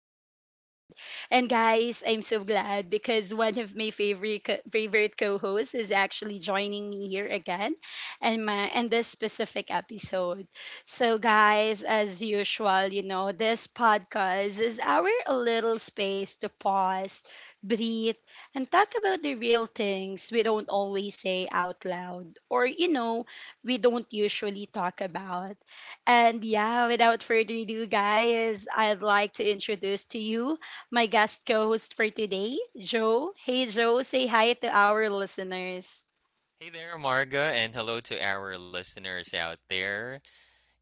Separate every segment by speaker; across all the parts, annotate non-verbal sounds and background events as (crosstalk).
Speaker 1: episode. And guys, I'm so glad because one of my favorite co-hosts is actually joining me here again, and this specific episode. So, guys, as usual, you know this podcast is our little space to pause, breathe, and talk about the real things we don't always say out loud, or we don't usually talk about. And yeah, without further ado, guys, I'd like to introduce to you my guest co host for today, Joe. Hey, Joe, say hi to our listeners.
Speaker 2: Hey there, Marga, and hello to our listeners out there.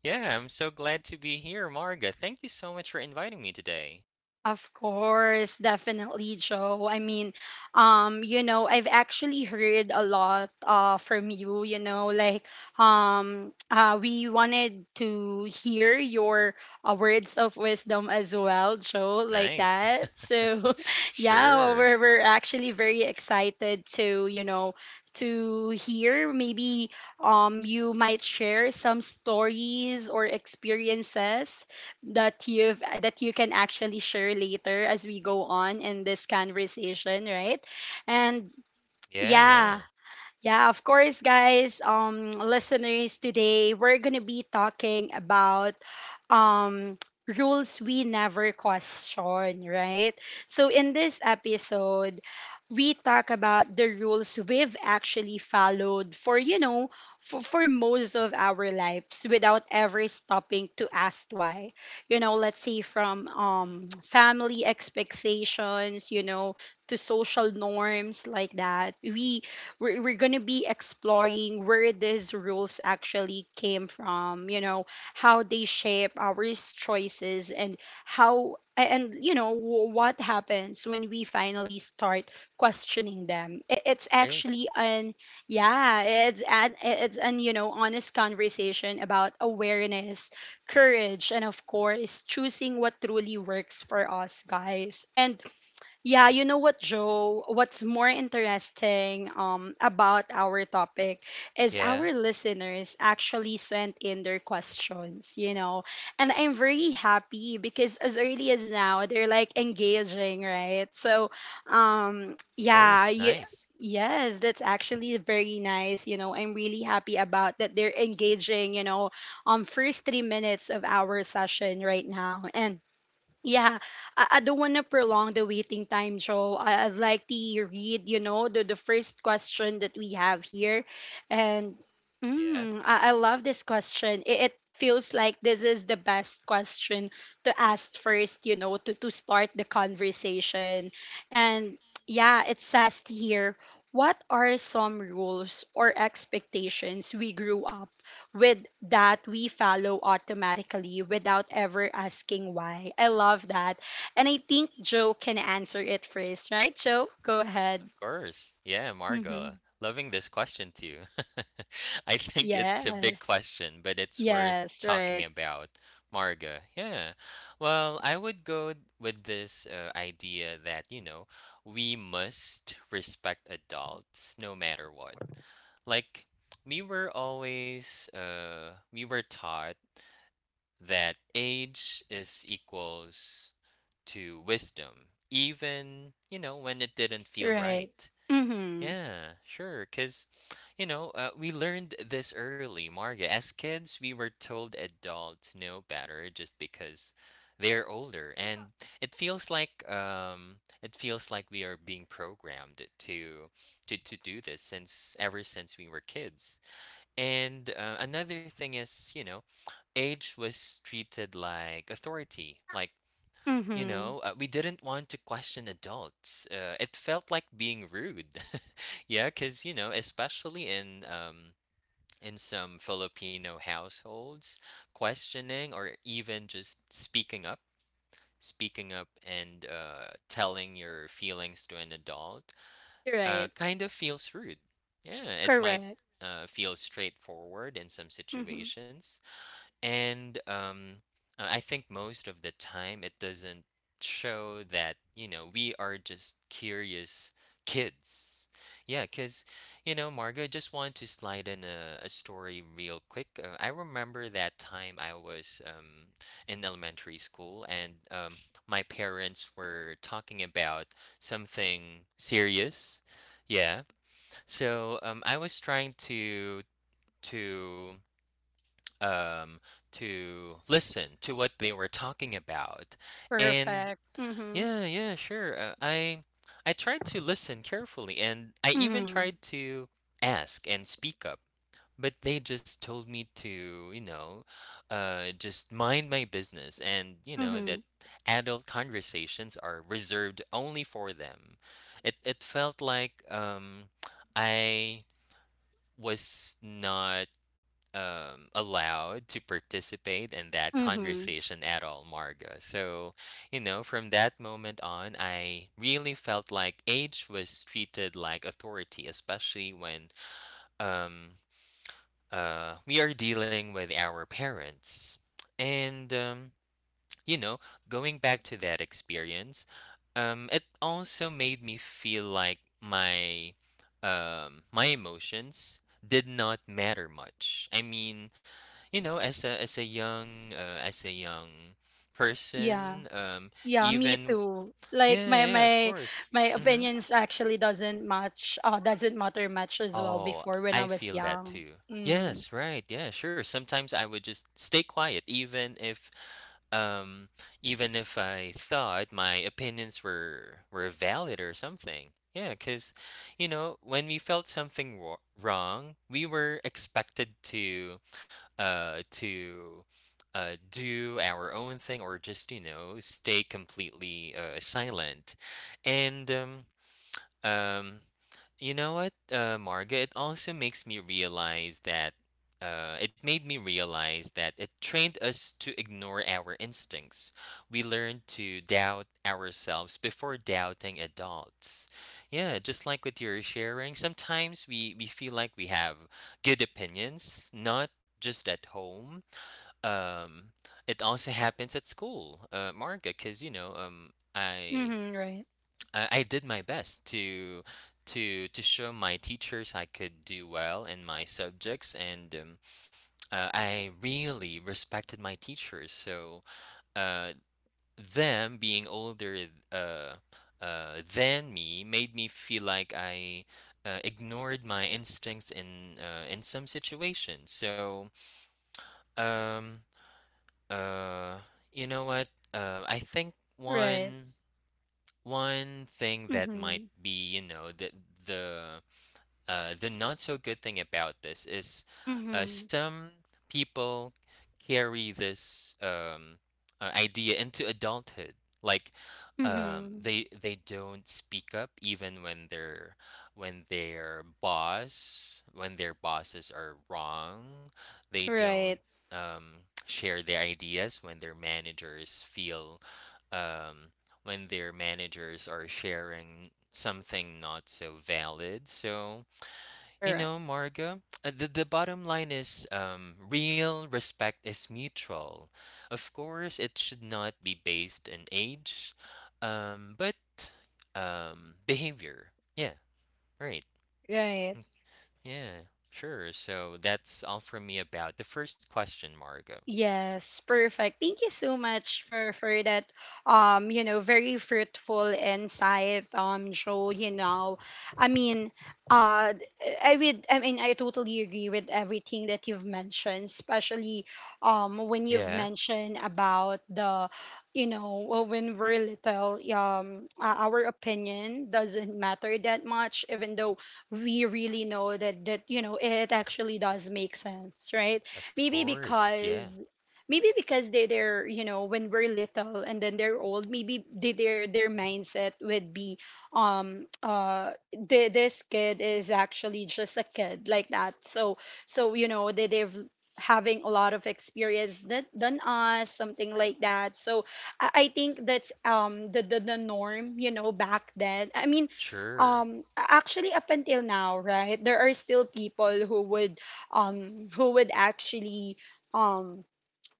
Speaker 2: Yeah, I'm so glad to be here, Marga. Thank you so much for inviting me today.
Speaker 1: Of course, definitely, Joe. I mean, you know, I've actually heard a lot from you, you know, like we wanted to hear your words of wisdom as well, Joe, like
Speaker 2: Nice.
Speaker 1: that.
Speaker 2: (laughs)
Speaker 1: So, (laughs) yeah,
Speaker 2: Sure.
Speaker 1: we're actually very excited to, you know, to hear maybe you might share some stories or experiences that you can actually share later as we go on in this conversation, right? And
Speaker 2: Yeah,
Speaker 1: yeah,
Speaker 2: yeah.
Speaker 1: yeah, of course, guys, listeners, today we're going to be talking about um rules we never question, right? So in this episode, we talk about the rules we've actually followed for, you know, for most of our lives without ever stopping to ask why. You know, let's say from
Speaker 2: Hmm.
Speaker 1: family expectations, you know, to social norms like that. We're gonna be exploring where these rules actually came from, you know, how they shape our choices and and you know what happens when we finally start questioning them. I- it's
Speaker 2: Great.
Speaker 1: actually an yeah it's an you know honest conversation about awareness, courage, and of course choosing what truly works for us, guys. And yeah, you know what, Joe? What's more interesting about our topic is our
Speaker 2: Yeah,
Speaker 1: listeners actually sent in their questions, you know, and I'm very happy because as early as now, they're like engaging, right? So, um,
Speaker 2: of
Speaker 1: yeah,
Speaker 2: course.
Speaker 1: you,
Speaker 2: Nice.
Speaker 1: yes, that's actually very nice. You know, I'm really happy about that they're engaging, you know, first 3 minutes of our session right now. And yeah, I don't want to prolong the waiting time, so I'd like to read, you know, the first question that we have here. And
Speaker 2: Yeah.
Speaker 1: I love this question. It feels like this is the best question to ask first, you know, to start the conversation. And yeah, it says here, what are some rules or expectations we grew up with that we follow automatically without ever asking why. I love that. And I think Joe can answer it first, right? Joe, go ahead.
Speaker 2: Course. Yeah, Margo.
Speaker 1: Mm-hmm.
Speaker 2: Loving this question too. (laughs) I think it's a big
Speaker 1: Yes.
Speaker 2: question, but it's worth
Speaker 1: Yes,
Speaker 2: talking
Speaker 1: right.
Speaker 2: about. Margo. Yeah. Well, I would go with this idea that, you know, we must respect adults no matter what. Like, we were taught that age is equals to wisdom, even, you know, when it didn't feel right.
Speaker 1: Right. Mm-hmm.
Speaker 2: Yeah, sure. Because, you know, we learned this early, Marga. As kids, we were told adults know better just because they're older, and it feels like we are being programmed to do this since ever since we were kids. And another thing is, you know, age was treated like authority, like, you
Speaker 1: Mm-hmm.
Speaker 2: know, we didn't want to question adults. It felt like being rude. (laughs) Yeah, because, you know, especially in some Filipino households, questioning or even just speaking up and telling your feelings to an adult
Speaker 1: Right.
Speaker 2: kind of feels rude. Yeah, it might
Speaker 1: Correct.
Speaker 2: feel straightforward in some
Speaker 1: Mm-hmm.
Speaker 2: situations, and I think most of the time it doesn't show that, you know, we are just curious kids. Yeah, because, you know, Margo, just want to slide in a story real quick. I remember that time I was in elementary school, and my parents were talking about something serious. Yeah. So I was trying to to um to listen to what they were talking about. And
Speaker 1: Perfect. Mm-hmm.
Speaker 2: yeah, yeah, sure, I tried to listen carefully, and I even
Speaker 1: Mm-hmm.
Speaker 2: tried to ask and speak up, but they just told me to, just mind my business, and you know
Speaker 1: Mm-hmm.
Speaker 2: that adult conversations are reserved only for them. It felt like, I was not, allowed to participate in that
Speaker 1: Mm-hmm.
Speaker 2: conversation at all, Marga. So, you know, from that moment on, I really felt like age was treated like authority, especially when um, we are dealing with our parents. And, you know, going back to that experience, it also made me feel like my emotions did not matter much. I mean, you know, as a young
Speaker 1: Yeah.
Speaker 2: person.
Speaker 1: Yeah, me
Speaker 2: Even.
Speaker 1: too. Like
Speaker 2: Yeah,
Speaker 1: my
Speaker 2: yeah, of
Speaker 1: my
Speaker 2: course.
Speaker 1: my
Speaker 2: Hmm.
Speaker 1: opinions actually doesn't match doesn't matter much as well
Speaker 2: Oh,
Speaker 1: before when I
Speaker 2: I
Speaker 1: was
Speaker 2: feel that
Speaker 1: young.
Speaker 2: too.
Speaker 1: Mm.
Speaker 2: Yes, right, yeah, sure. Sometimes I would just stay quiet, even um if I thought my opinions were valid or something. Yeah, because, you know, when we felt something wrong, we were expected to, uh, to do our own thing, or just, you know, stay completely silent. And, um, you know what, Marga, it also makes me realize that, it made me realize that it trained us to ignore our instincts. We learned to doubt ourselves before doubting adults. Yeah, just like with your sharing, sometimes we feel like we have good opinions, not just at home. um it also happens at school, Marga, because, you know, i
Speaker 1: Mm-hmm, right.
Speaker 2: i I did my best to show my teachers I could do well in my subjects. And I really respected my teachers, so uh them being older, uh than me, made me feel like I ignored my instincts in some situations. So, um, uh, you know what? I think
Speaker 1: Right.
Speaker 2: one thing that might
Speaker 1: Mm-hmm.
Speaker 2: be, you know, the the not so good thing about this is,
Speaker 1: Mm-hmm.
Speaker 2: some people carry this, idea into adulthood. Like,
Speaker 1: Mm-hmm.
Speaker 2: they don't speak up even when their bosses are wrong. They don't,
Speaker 1: Right.
Speaker 2: um, share their ideas um, when their managers are sharing something not so valid. So, you
Speaker 1: Correct.
Speaker 2: know, Margo, the bottom line is, real respect is mutual. Of course, it should not be based on age, but, behavior. Yeah, right.
Speaker 1: Right.
Speaker 2: Yeah, sure. So that's all from me about the first question, Margo.
Speaker 1: Yes, perfect. Thank you so much for that you know, very fruitful insight, Joe, you know. I mean, uh I would, I mean, I totally agree with everything that you've mentioned, especially when you've
Speaker 2: Yeah,
Speaker 1: mentioned about the you know, well, when we're little, our opinion doesn't matter that much, even though we really know that you know it actually does make sense, right?
Speaker 2: of
Speaker 1: Maybe
Speaker 2: course. Yeah,
Speaker 1: because maybe because they're you know, when we're little and then they're old, maybe they, their mindset would be this kid is actually just a kid, like that. So, so, you know, they've having a lot of experience than us, something like that. So I think that's the norm, you know, back then, I mean,
Speaker 2: sure.
Speaker 1: actually up until now, right? There are still people who would actually um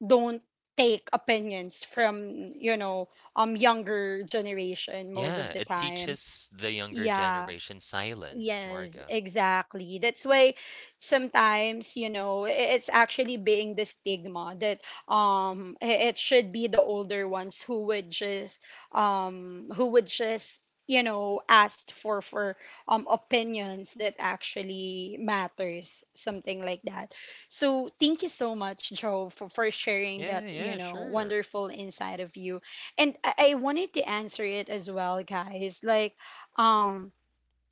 Speaker 1: don't take opinions from, you know, younger generation most of
Speaker 2: Yeah,
Speaker 1: the
Speaker 2: it
Speaker 1: time.
Speaker 2: teaches the younger
Speaker 1: Yeah.
Speaker 2: generation silence,
Speaker 1: Yes,
Speaker 2: Margo.
Speaker 1: exactly. That's why sometimes, you know, it's actually being the stigma that it should be the older ones who would just, you know, ask for opinions that actually matters, something like that. So thank you so much, Joe, for sharing that,
Speaker 2: Yeah,
Speaker 1: you
Speaker 2: yeah,
Speaker 1: know,
Speaker 2: sure.
Speaker 1: wonderful insight of you. And I wanted to answer it as well, guys. Like, um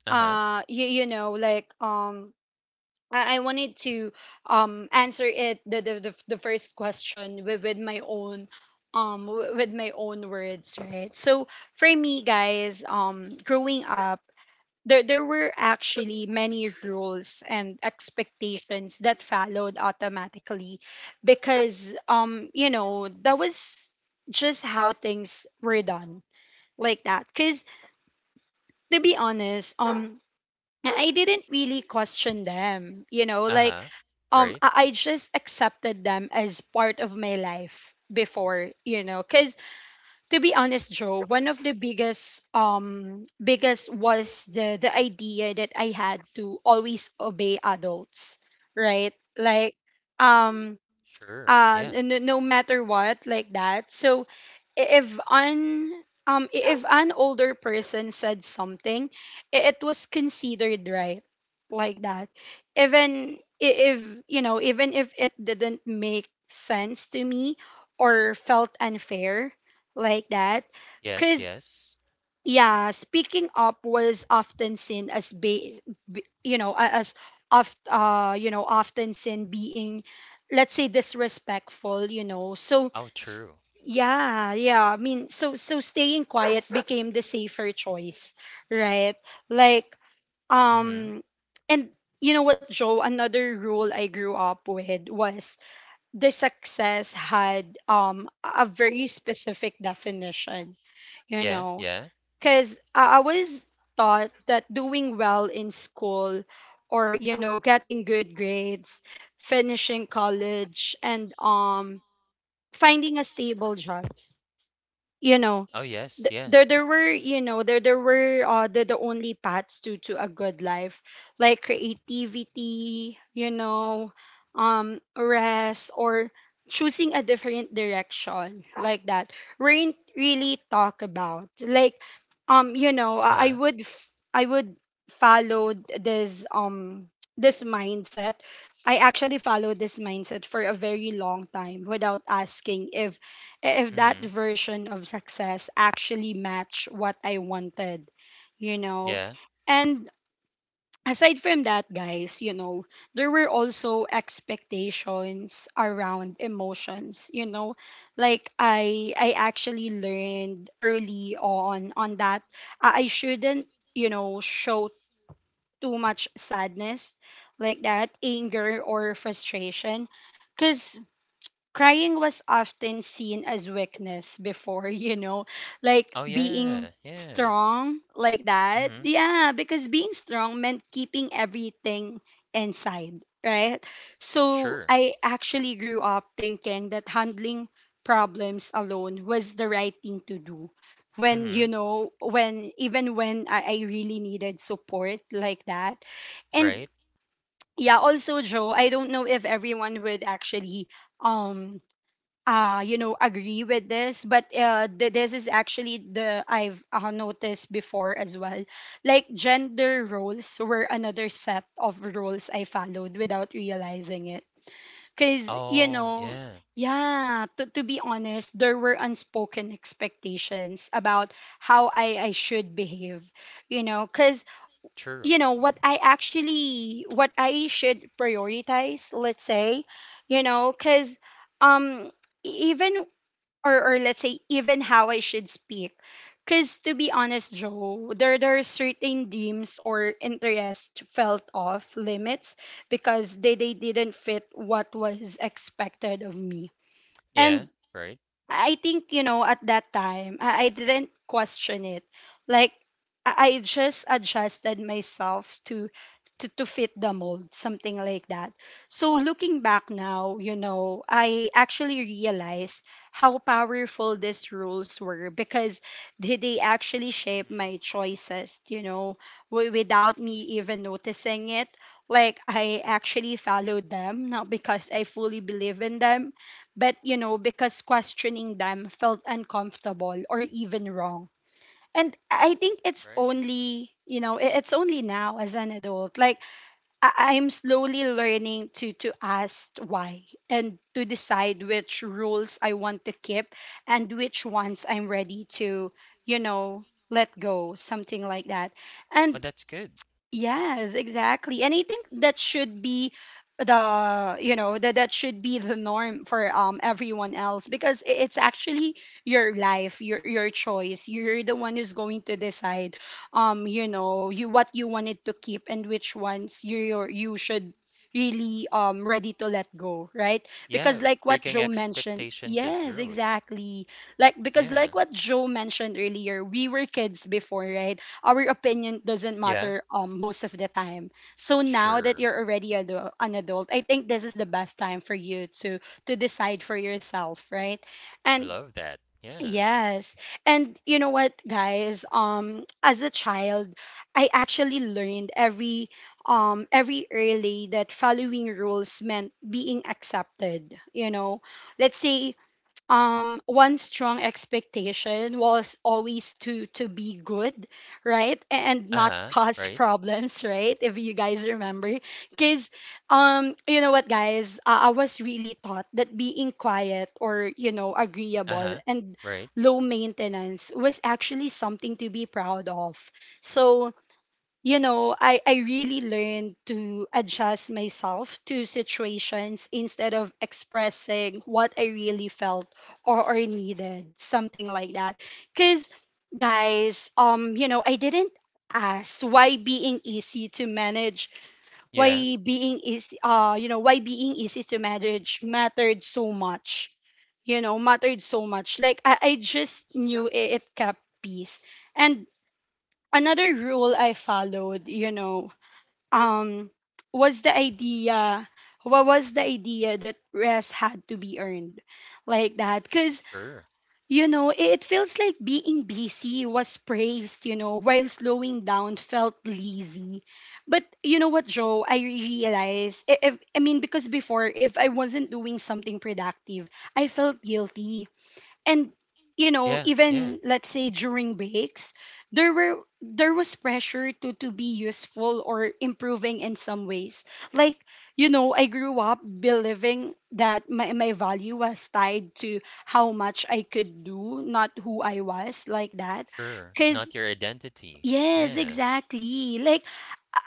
Speaker 2: Uh-huh.
Speaker 1: you know, like I wanted to answer it the first question with my own with my own words, right? So for me, guys, growing up, there were actually many rules and expectations that followed automatically because you know, that was just how things were done, like that. Because to be honest, yeah, I didn't really question them, you know, like
Speaker 2: Uh-huh. Right?
Speaker 1: I just accepted them as part of my life before, you know, cuz to be honest, Joe, one of the biggest was the idea that I had to always obey adults, right? Like um
Speaker 2: Sure. Yeah.
Speaker 1: no, no matter what, like that. So i- if an if an older person said something, it was considered right, like that, even if you know, even if it didn't make sense to me or felt unfair, like that,
Speaker 2: Yes,
Speaker 1: cuz
Speaker 2: yes.
Speaker 1: yeah, speaking up was often seen as you know, as you know, often seen being, let's say, disrespectful, you know. So,
Speaker 2: Oh,
Speaker 1: s-
Speaker 2: true.
Speaker 1: yeah, yeah. I mean, so staying quiet became the safer choice, right? Like,
Speaker 2: Mhm.
Speaker 1: um, and you know what, Joe? Another rule I grew up with was the success had a very specific definition, you
Speaker 2: Yeah,
Speaker 1: know,
Speaker 2: yeah.
Speaker 1: because I was taught that doing well in school, or you know, getting good grades, finishing college, and finding a stable job, you know,
Speaker 2: Oh, yes,
Speaker 1: th-
Speaker 2: yeah.
Speaker 1: there were you know there there were the only paths to a good life, like creativity, you know, rest, or choosing a different direction, like that, weren't really talk about. Like you know, i I
Speaker 2: Uh-huh.
Speaker 1: would f- i would follow this this mindset. I actually followed this mindset for a very long time without asking if that
Speaker 2: Mhm.
Speaker 1: version of success actually match what I wanted, you know.
Speaker 2: Yeah.
Speaker 1: And aside from that, guys, you know, there were also expectations around emotions, you know. Like I actually learned early on that I shouldn't, you know, show too much sadness, like that, anger or frustration. Because crying was often seen as weakness before, (laughs) you know, like
Speaker 2: Oh,
Speaker 1: being
Speaker 2: yeah, yeah.
Speaker 1: strong, like that.
Speaker 2: Mhm.
Speaker 1: Yeah, because being strong meant keeping everything inside, right? So
Speaker 2: Sure.
Speaker 1: I actually grew up thinking that handling problems alone was the right thing to do. When, you
Speaker 2: Mhm.
Speaker 1: know, when even when I really needed support, like that. And
Speaker 2: Right.
Speaker 1: yeah, also Joe, I don't know if everyone would actually um you know agree with this, but this is actually the I've noticed before as well. Like gender roles were another set of rules I followed without realizing it, because you
Speaker 2: Oh,
Speaker 1: know,
Speaker 2: yeah.
Speaker 1: yeah, to be honest, there were unspoken expectations about how I should behave, you know, because
Speaker 2: True.
Speaker 1: you know what I actually what I should prioritize, let's say, you know, because um even, or let's say even how I should speak. Cause to be honest, Joe, there are certain dreams or interest felt off limits because they didn't fit what was expected of me.
Speaker 2: Yeah.
Speaker 1: And
Speaker 2: Right.
Speaker 1: I think, you know, at that time, I didn't question it. Like, I just adjusted myself to fit the mold, something like that. So looking back now, you know, I actually realized how powerful these rules were because they actually shaped
Speaker 2: Mhm.
Speaker 1: my choices, you know, without me even noticing it. Like I actually followed them, not because I fully believe in them, but you know, because questioning them felt uncomfortable or even wrong. And I think it's
Speaker 2: Right.
Speaker 1: only, you know, it's only now as an adult. Like I'm slowly learning to ask why and to decide which rules I want to keep and which ones I'm ready to, you know, let go, something like that.
Speaker 2: Oh,
Speaker 1: And
Speaker 2: that's good.
Speaker 1: yes, exactly. And I think that should be the you know, that that should be the norm for everyone else, because it's actually your life, your choice. You're the one who's going to decide you know, you what you wanted to keep and which ones you should really ready to let go, right?
Speaker 2: Yeah.
Speaker 1: Because like what
Speaker 2: Breaking
Speaker 1: Joe mentioned,
Speaker 2: expectations is
Speaker 1: yes
Speaker 2: growth.
Speaker 1: exactly, like because
Speaker 2: Yeah.
Speaker 1: like what Joe mentioned earlier, we were kids before, right? Our opinion doesn't
Speaker 2: Yeah.
Speaker 1: matter most of the time. So now that
Speaker 2: Sure.
Speaker 1: you're already an adult, I think this is the best time for you to decide for yourself, right? And
Speaker 2: Love that. Yeah.
Speaker 1: yes. And you know what, guys, as a child, I actually learned every early that following rules meant being accepted, Let's say one strong expectation was always to be good, right, and not (laughs)
Speaker 2: Uh-huh.
Speaker 1: cause
Speaker 2: Right.
Speaker 1: problems, right, if you guys remember. Because, you know what, guys, I was really taught that being quiet or, you know, agreeable
Speaker 2: Uh-huh.
Speaker 1: and
Speaker 2: Right.
Speaker 1: low maintenance was actually something to be proud of. So, you know, I really learned to adjust myself to situations instead of expressing what I really felt, or needed, something like that. Because, guys, you know, I didn't ask why being easy to manage,
Speaker 2: Yeah.
Speaker 1: why being easy, you know, why being easy to manage mattered so much. You know, mattered so much. Like, I just knew it kept peace. And another rule I followed, you know, um was the idea that rest had to be earned, like that. Because,
Speaker 2: Sure.
Speaker 1: you know, it feels like being busy was praised, you know, while slowing down felt lazy. But, you know what, Joe, I realized, if I mean because before, if I wasn't doing something productive, I felt guilty. And, you know,
Speaker 2: Yeah. Yeah.
Speaker 1: even let's say during breaks, there was pressure to be useful or improving in some ways. Like, you know, I grew up believing that my value was tied to how much I could do, not who I was, like that.
Speaker 2: Sure,
Speaker 1: Because
Speaker 2: not your identity.
Speaker 1: yes,
Speaker 2: Yeah.
Speaker 1: exactly, like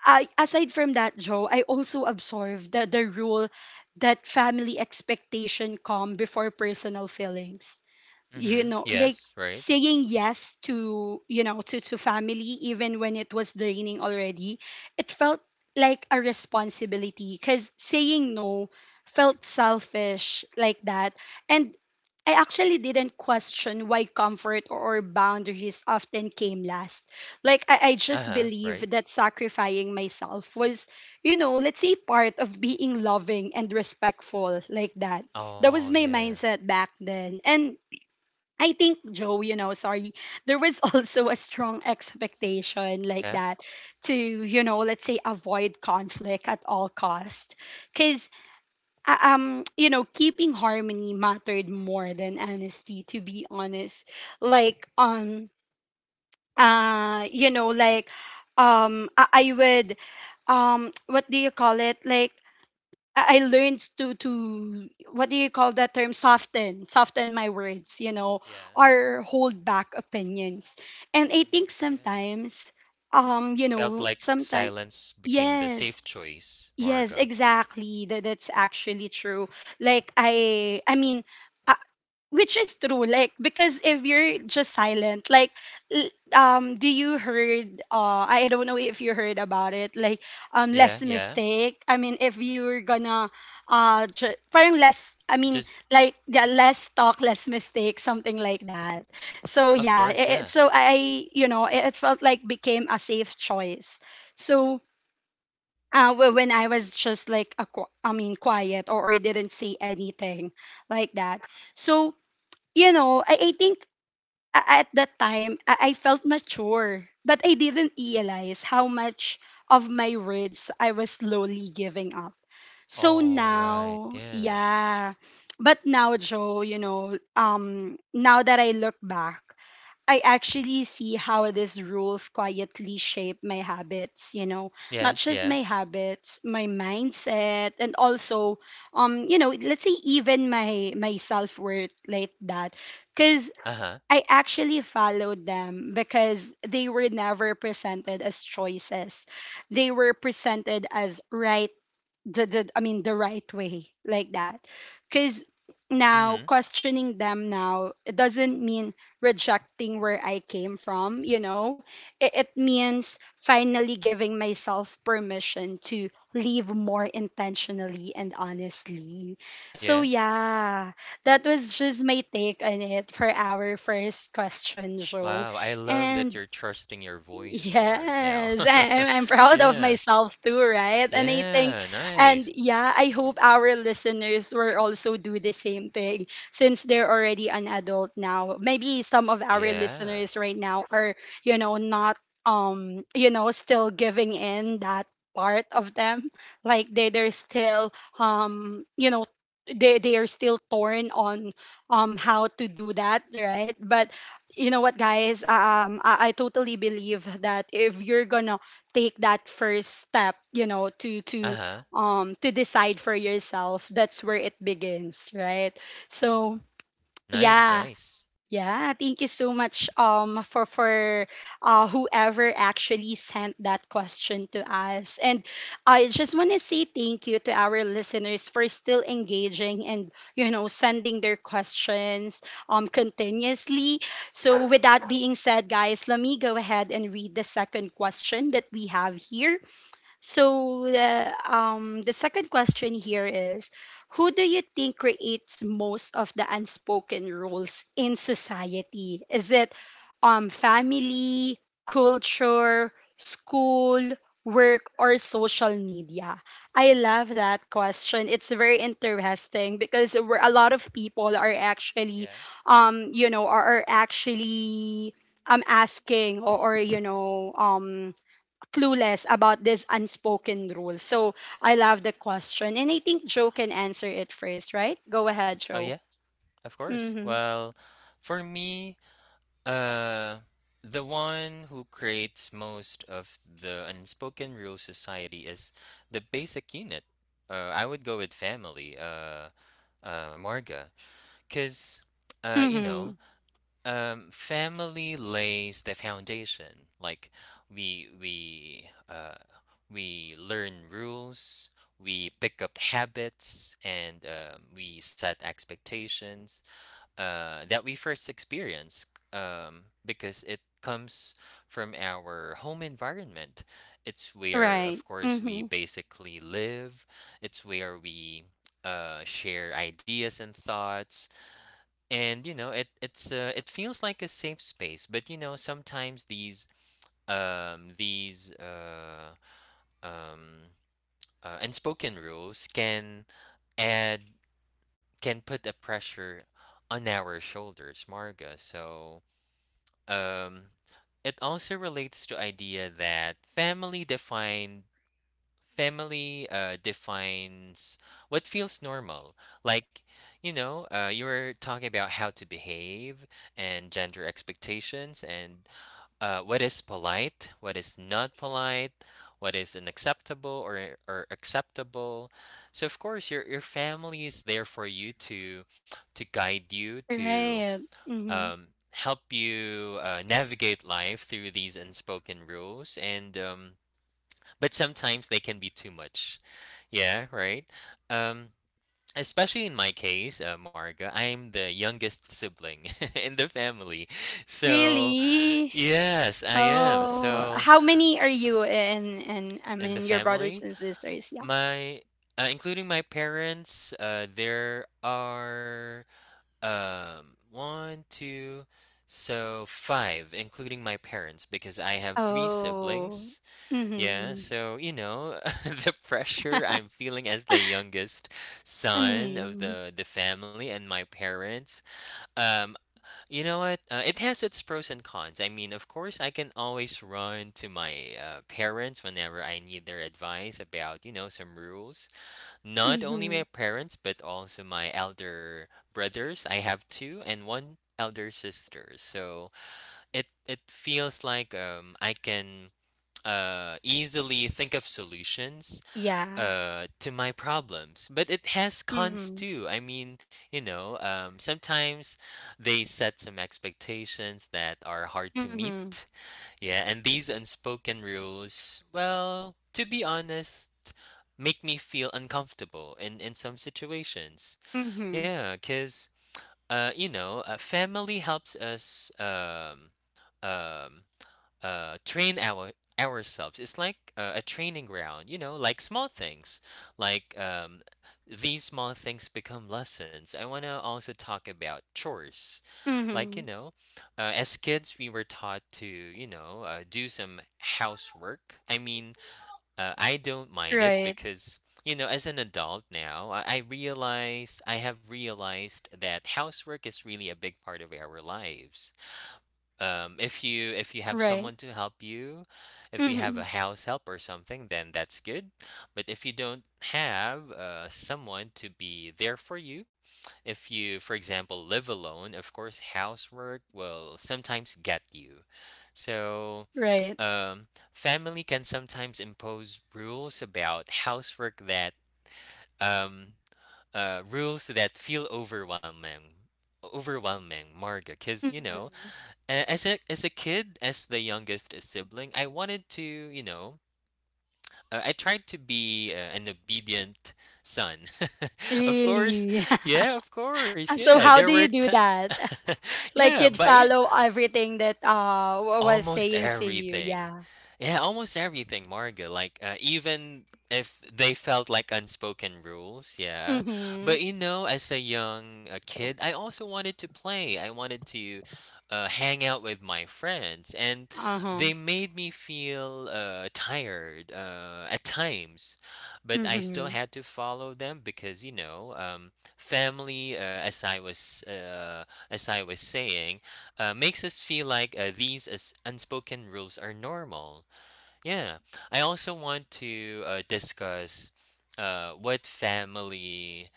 Speaker 1: I, aside from that, Joe, I also absorbed the rule that family expectation come before personal feelings. You
Speaker 2: Mhm.
Speaker 1: know, like
Speaker 2: Yes, right.
Speaker 1: saying yes to, you know, to family even when it was draining already. It felt like a responsibility, because saying no felt selfish, like that. And I actually didn't question why comfort or boundaries often came last. Like I just
Speaker 2: Uh-huh,
Speaker 1: believe
Speaker 2: right.
Speaker 1: that sacrificing myself was, you know, let's say, part of being loving and respectful, like that. That
Speaker 2: Oh,
Speaker 1: was my
Speaker 2: yeah.
Speaker 1: mindset back then. And I think, Joe, you know, sorry, there was (laughs) also a strong expectation like
Speaker 2: Yeah,
Speaker 1: that to, you know, let's say, avoid conflict at all cost. Because, you know, keeping harmony mattered more than honesty, to be honest. Like, you know, like, I would, what do you call it? Like, I learned to what do you call that term, soften my words, you know,
Speaker 2: yeah.
Speaker 1: or hold back opinions. And I
Speaker 2: Mm,
Speaker 1: think
Speaker 2: yeah.
Speaker 1: sometimes, you
Speaker 2: Felt
Speaker 1: know,
Speaker 2: like
Speaker 1: sometimes
Speaker 2: silence became the
Speaker 1: yes.
Speaker 2: safe choice,
Speaker 1: Yes,
Speaker 2: Marga.
Speaker 1: exactly, that that's actually true. Like I mean, which is true, like because if you're just silent, like do you heard, I don't know if you heard about it, like,
Speaker 2: Yeah,
Speaker 1: less
Speaker 2: yeah.
Speaker 1: mistake, I mean, if you're gonna parang less, I mean,
Speaker 2: Just
Speaker 1: like, yeah, less talk, less mistake, something like that. So
Speaker 2: of
Speaker 1: yeah,
Speaker 2: course, yeah.
Speaker 1: so I, you know, it felt like became a safe choice. So when I was just like, I mean, quiet, or didn't say anything like that. So, you know, I think at that time, I felt mature, but I didn't realize how much of my words I was slowly giving up. So
Speaker 2: All right.
Speaker 1: now,
Speaker 2: Yeah.
Speaker 1: yeah. But now, Joe, you know, now that I look back, I actually see how these rules quietly shape my habits, you know, not
Speaker 2: Yeah,
Speaker 1: just
Speaker 2: yeah.
Speaker 1: my habits, my mindset, and also, you know, let's say, even my self worth, like that. Because
Speaker 2: Uh-huh.
Speaker 1: I actually followed them because they were never presented as choices. They were presented as right, the I mean the right way, like that. Because now
Speaker 2: Mhm.
Speaker 1: questioning them now, it doesn't mean rejecting where I came from, you know. It means finally giving myself permission to live more intentionally and honestly. So
Speaker 2: Yeah.
Speaker 1: yeah, that was just my take on it for our first question, Joe.
Speaker 2: Wow, I love that
Speaker 1: And
Speaker 2: you're trusting your voice more now.
Speaker 1: yes, (laughs) I,
Speaker 2: (laughs)
Speaker 1: I'm I'm proud of
Speaker 2: Yeah.
Speaker 1: myself too, right? And I think,
Speaker 2: Yeah,
Speaker 1: and
Speaker 2: nice.
Speaker 1: yeah, I hope our listeners will also do the same thing, since they're already an adult now. Maybe some of our
Speaker 2: Yeah.
Speaker 1: listeners right now are, you know, not, you know, still giving in that part of them. Like they're still, you know, they are still torn on how to do that, right. But you know what, guys, I totally believe that if you're gonna take that first step, you know, to
Speaker 2: Uh-huh.
Speaker 1: to decide for yourself, that's where it begins, right. So
Speaker 2: Nice,
Speaker 1: yeah.
Speaker 2: nice.
Speaker 1: Yeah, thank you so much for whoever actually sent that question to us. And I just want to say thank you to our listeners for still engaging and, you know, sending their questions continuously. So, with that being said, guys, let me go ahead and read the second question that we have here. So the second question here is: who do you think creates most of the unspoken rules in society? Is it family, culture, school, work, or social media? I love that question. It's very interesting because a lot of people are actually,
Speaker 2: Yeah.
Speaker 1: you know, are actually asking, or you know, clueless about this unspoken rule. So I love the question. And I think Joe can answer it first, right? Go ahead,
Speaker 2: Oh,
Speaker 1: Joe.
Speaker 2: yeah. Of course.
Speaker 1: Mm-hmm.
Speaker 2: Well, for me, uh, the one who creates most of the unspoken rule society is the basic unit. I would go with family, Marga, because, you
Speaker 1: Mm-hmm.
Speaker 2: know, family lays the foundation. Like, we we uh, we learn rules, we pick up habits, and, we set expectations that we first experience, because it comes from our home environment. It's where,
Speaker 1: Right.
Speaker 2: of course,
Speaker 1: Mm-hmm.
Speaker 2: we basically live. It's where we, share ideas and thoughts. And, you know, it feels like a safe space, but, you know, sometimes these um, unspoken rules can add can put a pressure on our shoulders, Marga. So, um, it also relates to idea that family defines what feels normal. Like, you know, you were talking about how to behave, and gender expectations, and what is polite, what is not polite, what is unacceptable or acceptable. So, of course, your family is there for you, to guide you, to,
Speaker 1: Right. Mm-hmm.
Speaker 2: um, help you, navigate life through these unspoken rules. And, but sometimes they can be too much. Yeah, right. Um, Especially in my case, Marga, I'm the youngest sibling (laughs) in the family, so.
Speaker 1: Really?
Speaker 2: Yes, I am.
Speaker 1: Oh,
Speaker 2: So
Speaker 1: how many are you and I
Speaker 2: In the
Speaker 1: mean your brothers
Speaker 2: family?
Speaker 1: and sisters? Yeah.
Speaker 2: My Including my parents, there are, one, two, so five, including my parents, because I have three
Speaker 1: Oh.
Speaker 2: siblings. Yeah,
Speaker 1: Mm-hmm.
Speaker 2: so, you know, (laughs) the pressure
Speaker 1: (laughs)
Speaker 2: I'm feeling as the youngest son of
Speaker 1: Mm-hmm.
Speaker 2: the family and my parents. Um, you know what? It has its pros and cons. I mean, of course, I can always run to my, parents whenever I need their advice about, you know, some rules. Not only
Speaker 1: Mm-hmm.
Speaker 2: my parents, but also my elder brothers. I have two and one elder sister. So it feels like, I can easily think of solutions,
Speaker 1: Yeah.
Speaker 2: to my problems, but it has cons
Speaker 1: Mm-hmm.
Speaker 2: too. I mean, you know, sometimes they set some expectations that are hard to meet.
Speaker 1: Mm-hmm.
Speaker 2: Yeah, and these unspoken rules, well, to be honest, make me feel uncomfortable in some situations.
Speaker 1: Mm-hmm.
Speaker 2: Yeah, cuz, you know, family helps us, um train ourselves. It's like, a training ground, you know, like small things, like, these small things become lessons. I want to also talk about chores. Like, you
Speaker 1: Mm-hmm.
Speaker 2: know, as kids, we were taught to, do some housework. I mean, I don't mind it
Speaker 1: Right.
Speaker 2: because. You know, as an adult now, I have realized that housework is really a big part of our lives, if you have
Speaker 1: Right.
Speaker 2: someone to help you, if you have
Speaker 1: Mm-hmm.
Speaker 2: a house help or something, then that's good. But if you don't have, someone to be there for you, if you, for example, live alone, of course, housework will sometimes get you. So,
Speaker 1: Right.
Speaker 2: um, family can sometimes impose rules about housework that um, rules that feel overwhelming, Marga, because, you know,
Speaker 1: Mhm.
Speaker 2: a- as a as a kid, as the youngest sibling, I wanted to, you know, I tried to be, an obedient son. (laughs) Of course,
Speaker 1: Really. (laughs)
Speaker 2: yeah, of course,
Speaker 1: And so
Speaker 2: yeah.
Speaker 1: how
Speaker 2: There
Speaker 1: do
Speaker 2: were,
Speaker 1: you
Speaker 2: t-
Speaker 1: do that? (laughs) Like
Speaker 2: yeah,
Speaker 1: you'd
Speaker 2: but yeah,
Speaker 1: follow everything that was
Speaker 2: almost
Speaker 1: saying to you.
Speaker 2: everything.
Speaker 1: Yeah.
Speaker 2: Yeah, almost everything, Marga. Like, even if they felt like unspoken rules, yeah.
Speaker 1: Mhm.
Speaker 2: But, you know, as a young, kid, I also wanted to play. I wanted to, hang out with my friends, and
Speaker 1: Uh-huh.
Speaker 2: they made me feel, tired, at times. But I still
Speaker 1: Mhm.
Speaker 2: had to follow them because, you know, family. As I was, as I was saying, makes us feel like, these as unspoken rules are normal. Yeah, I also want to, discuss, what family,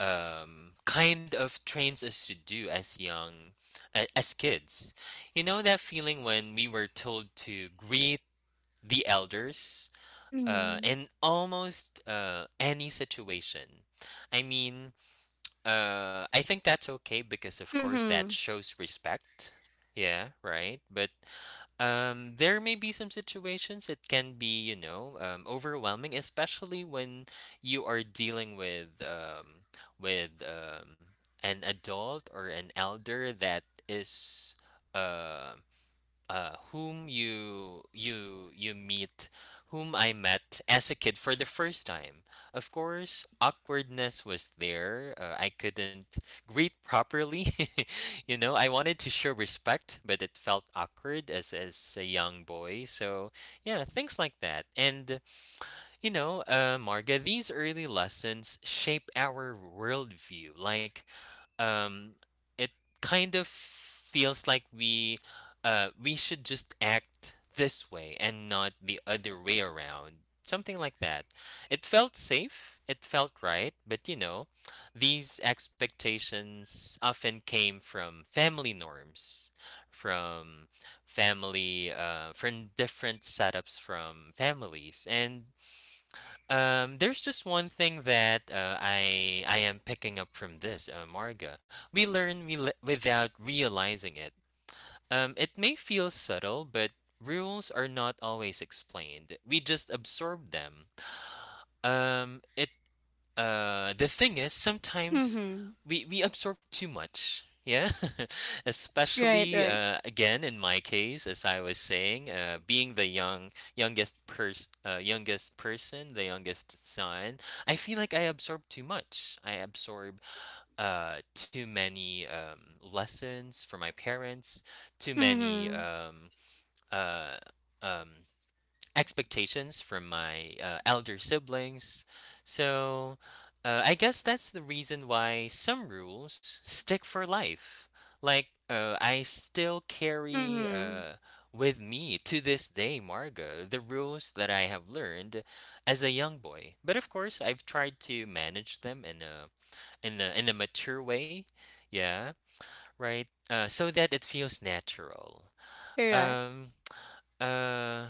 Speaker 2: kind of trains us to do as young, a as kids. You know that feeling when we were told to greet the elders
Speaker 1: Mhm.
Speaker 2: in almost any situation. I mean, I think that's okay because, of course, that
Speaker 1: Mhm.
Speaker 2: shows respect. Yeah, right. But there may be some situations it can be, overwhelming, especially when you are dealing with with um, an adult or an elder that is um whom you you you meet whom I met as a kid for the first time. Of course, awkwardness was there. I couldn't greet properly. (laughs) I wanted to show respect, but it felt awkward as a young boy. So, yeah, things like that. And Marga, these early lessons shape our worldview. Like, um it kind of feels like we should just act this way and not the other way around, something like that. It felt safe, it felt right, but, you know, these expectations often came from family norms, from from different setups from families. And there's just one thing that I am picking up from this, Marga. We learn without realizing it. It may feel subtle, but rules are not always explained. We just absorb them. It the thing is, sometimes
Speaker 1: Mhm.
Speaker 2: we absorb too much. Yeah, (laughs)
Speaker 1: Right,
Speaker 2: especially
Speaker 1: right.
Speaker 2: again in my case, as I was saying, being the youngest person, the youngest son. I feel like I absorb too much. I absorb too many lessons from my parents, too many
Speaker 1: Mhm.
Speaker 2: uh, um, expectations from my elder siblings. So I guess that's the reason why some rules stick for life. Like, I still carry
Speaker 1: Mhm.
Speaker 2: with me to this day, Marga, the rules that I have learned as a young boy. But of course, I've tried to manage them in a in a mature way. Yeah, right. So that it feels natural.
Speaker 1: Correct.
Speaker 2: Um. Uh.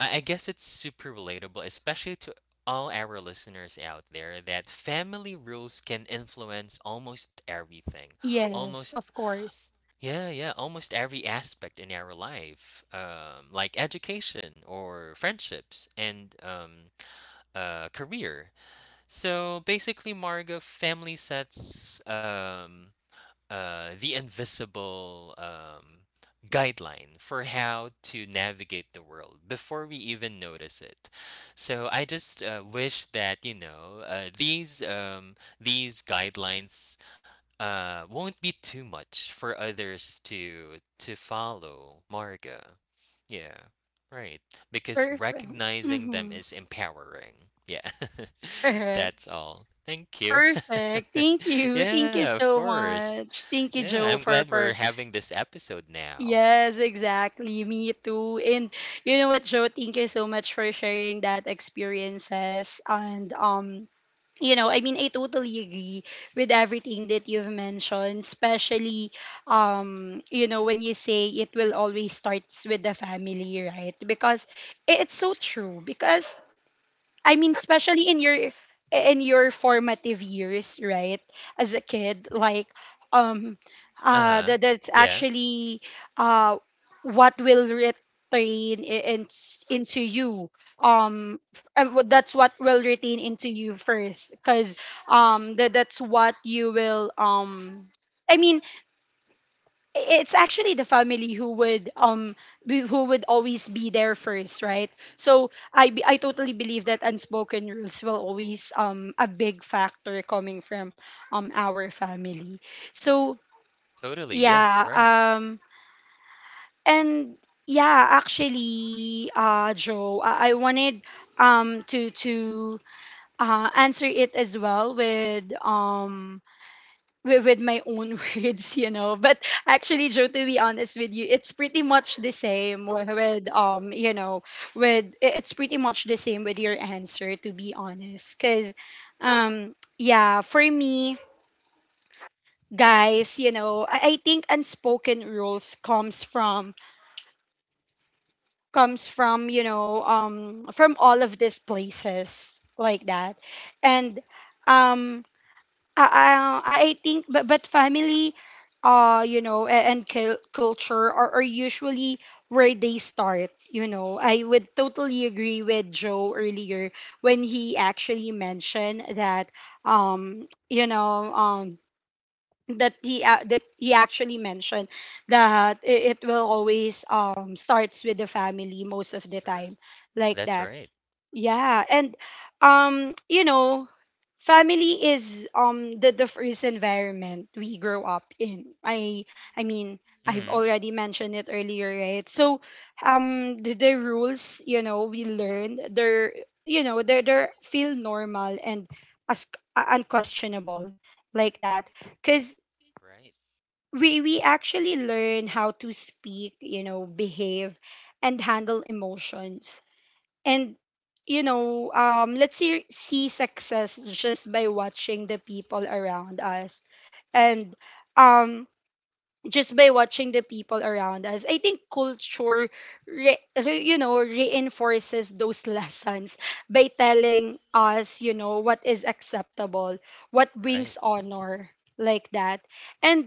Speaker 2: I guess it's super relatable, especially to all our listeners out there, that family rules can influence almost everything.
Speaker 1: Yes,
Speaker 2: Almost,
Speaker 1: of course.
Speaker 2: yeah, yeah, almost every aspect in our life, like education or friendships and career. So basically, Margo, family sets the invisible guideline for how to navigate the world before we even notice it. So I just wish that these guidelines won't be too much for others to follow. Marga, yeah, right. Because
Speaker 1: Perfect.
Speaker 2: recognizing them
Speaker 1: Mhm.
Speaker 2: is empowering. Yeah, (laughs)
Speaker 1: Correct.
Speaker 2: that's all. Thank
Speaker 1: (laughs)
Speaker 2: you.
Speaker 1: Perfect. Thank
Speaker 2: (laughs)
Speaker 1: you. Thank
Speaker 2: Yeah,
Speaker 1: you
Speaker 2: of
Speaker 1: so
Speaker 2: course.
Speaker 1: much. Thank you,
Speaker 2: Yeah, I'm
Speaker 1: Joe,
Speaker 2: glad we're
Speaker 1: for
Speaker 2: having this episode now.
Speaker 1: yes, exactly. Me too. And you know what, Joe? Thank you so much for sharing that experiences. And you know, I mean, I totally agree with everything that you've mentioned. Especially you know, when you say it will always starts with the family, right? Because it's so true. Because I mean, especially in your formative years, right? As a kid, like, um,
Speaker 2: Uh-huh.
Speaker 1: that that's
Speaker 2: Yeah.
Speaker 1: actually uh, what will retain into you. Um, and that's what will retain into you first, because that that's what you will. I mean, it's actually the family who would be, who would always be there first, right. So I totally believe that unspoken rules will always a big factor coming from our family. So
Speaker 2: Totally. Yes,
Speaker 1: yeah,
Speaker 2: right.
Speaker 1: and yeah, actually, Joe, I wanted to answer it as well with with my own (laughs) words, you know. But actually, Joe, to be honest with you, it's pretty much the same with, you know, with it's pretty much the same with your answer, to be honest. Cause, yeah, for me, guys, you know, I think unspoken rules comes from you know, from all of these places like that. And um I think, but family, you know, and culture are usually where they start. You know, I would totally agree with Joe earlier when he actually mentioned that, you know, that he actually mentioned that it will always starts with the family most of the
Speaker 2: Sure.
Speaker 1: time, like
Speaker 2: That's
Speaker 1: that.
Speaker 2: right.
Speaker 1: Yeah, and you know, family is the first environment we grow up in. I mean, I've
Speaker 2: Mhm.
Speaker 1: already mentioned it earlier, right? So the rules, you know, we learned, they're, you know, they're feel normal and as unquestionable, like that. Cause
Speaker 2: Right.
Speaker 1: we actually learn how to speak, you know, behave and handle emotions, and, you know, let's see success just by watching the people around us. And um just by watching the people around us I think culture you know, reinforces those (laughs) lessons by telling us, you know, what is acceptable, what
Speaker 2: Right.
Speaker 1: brings honor, like that. And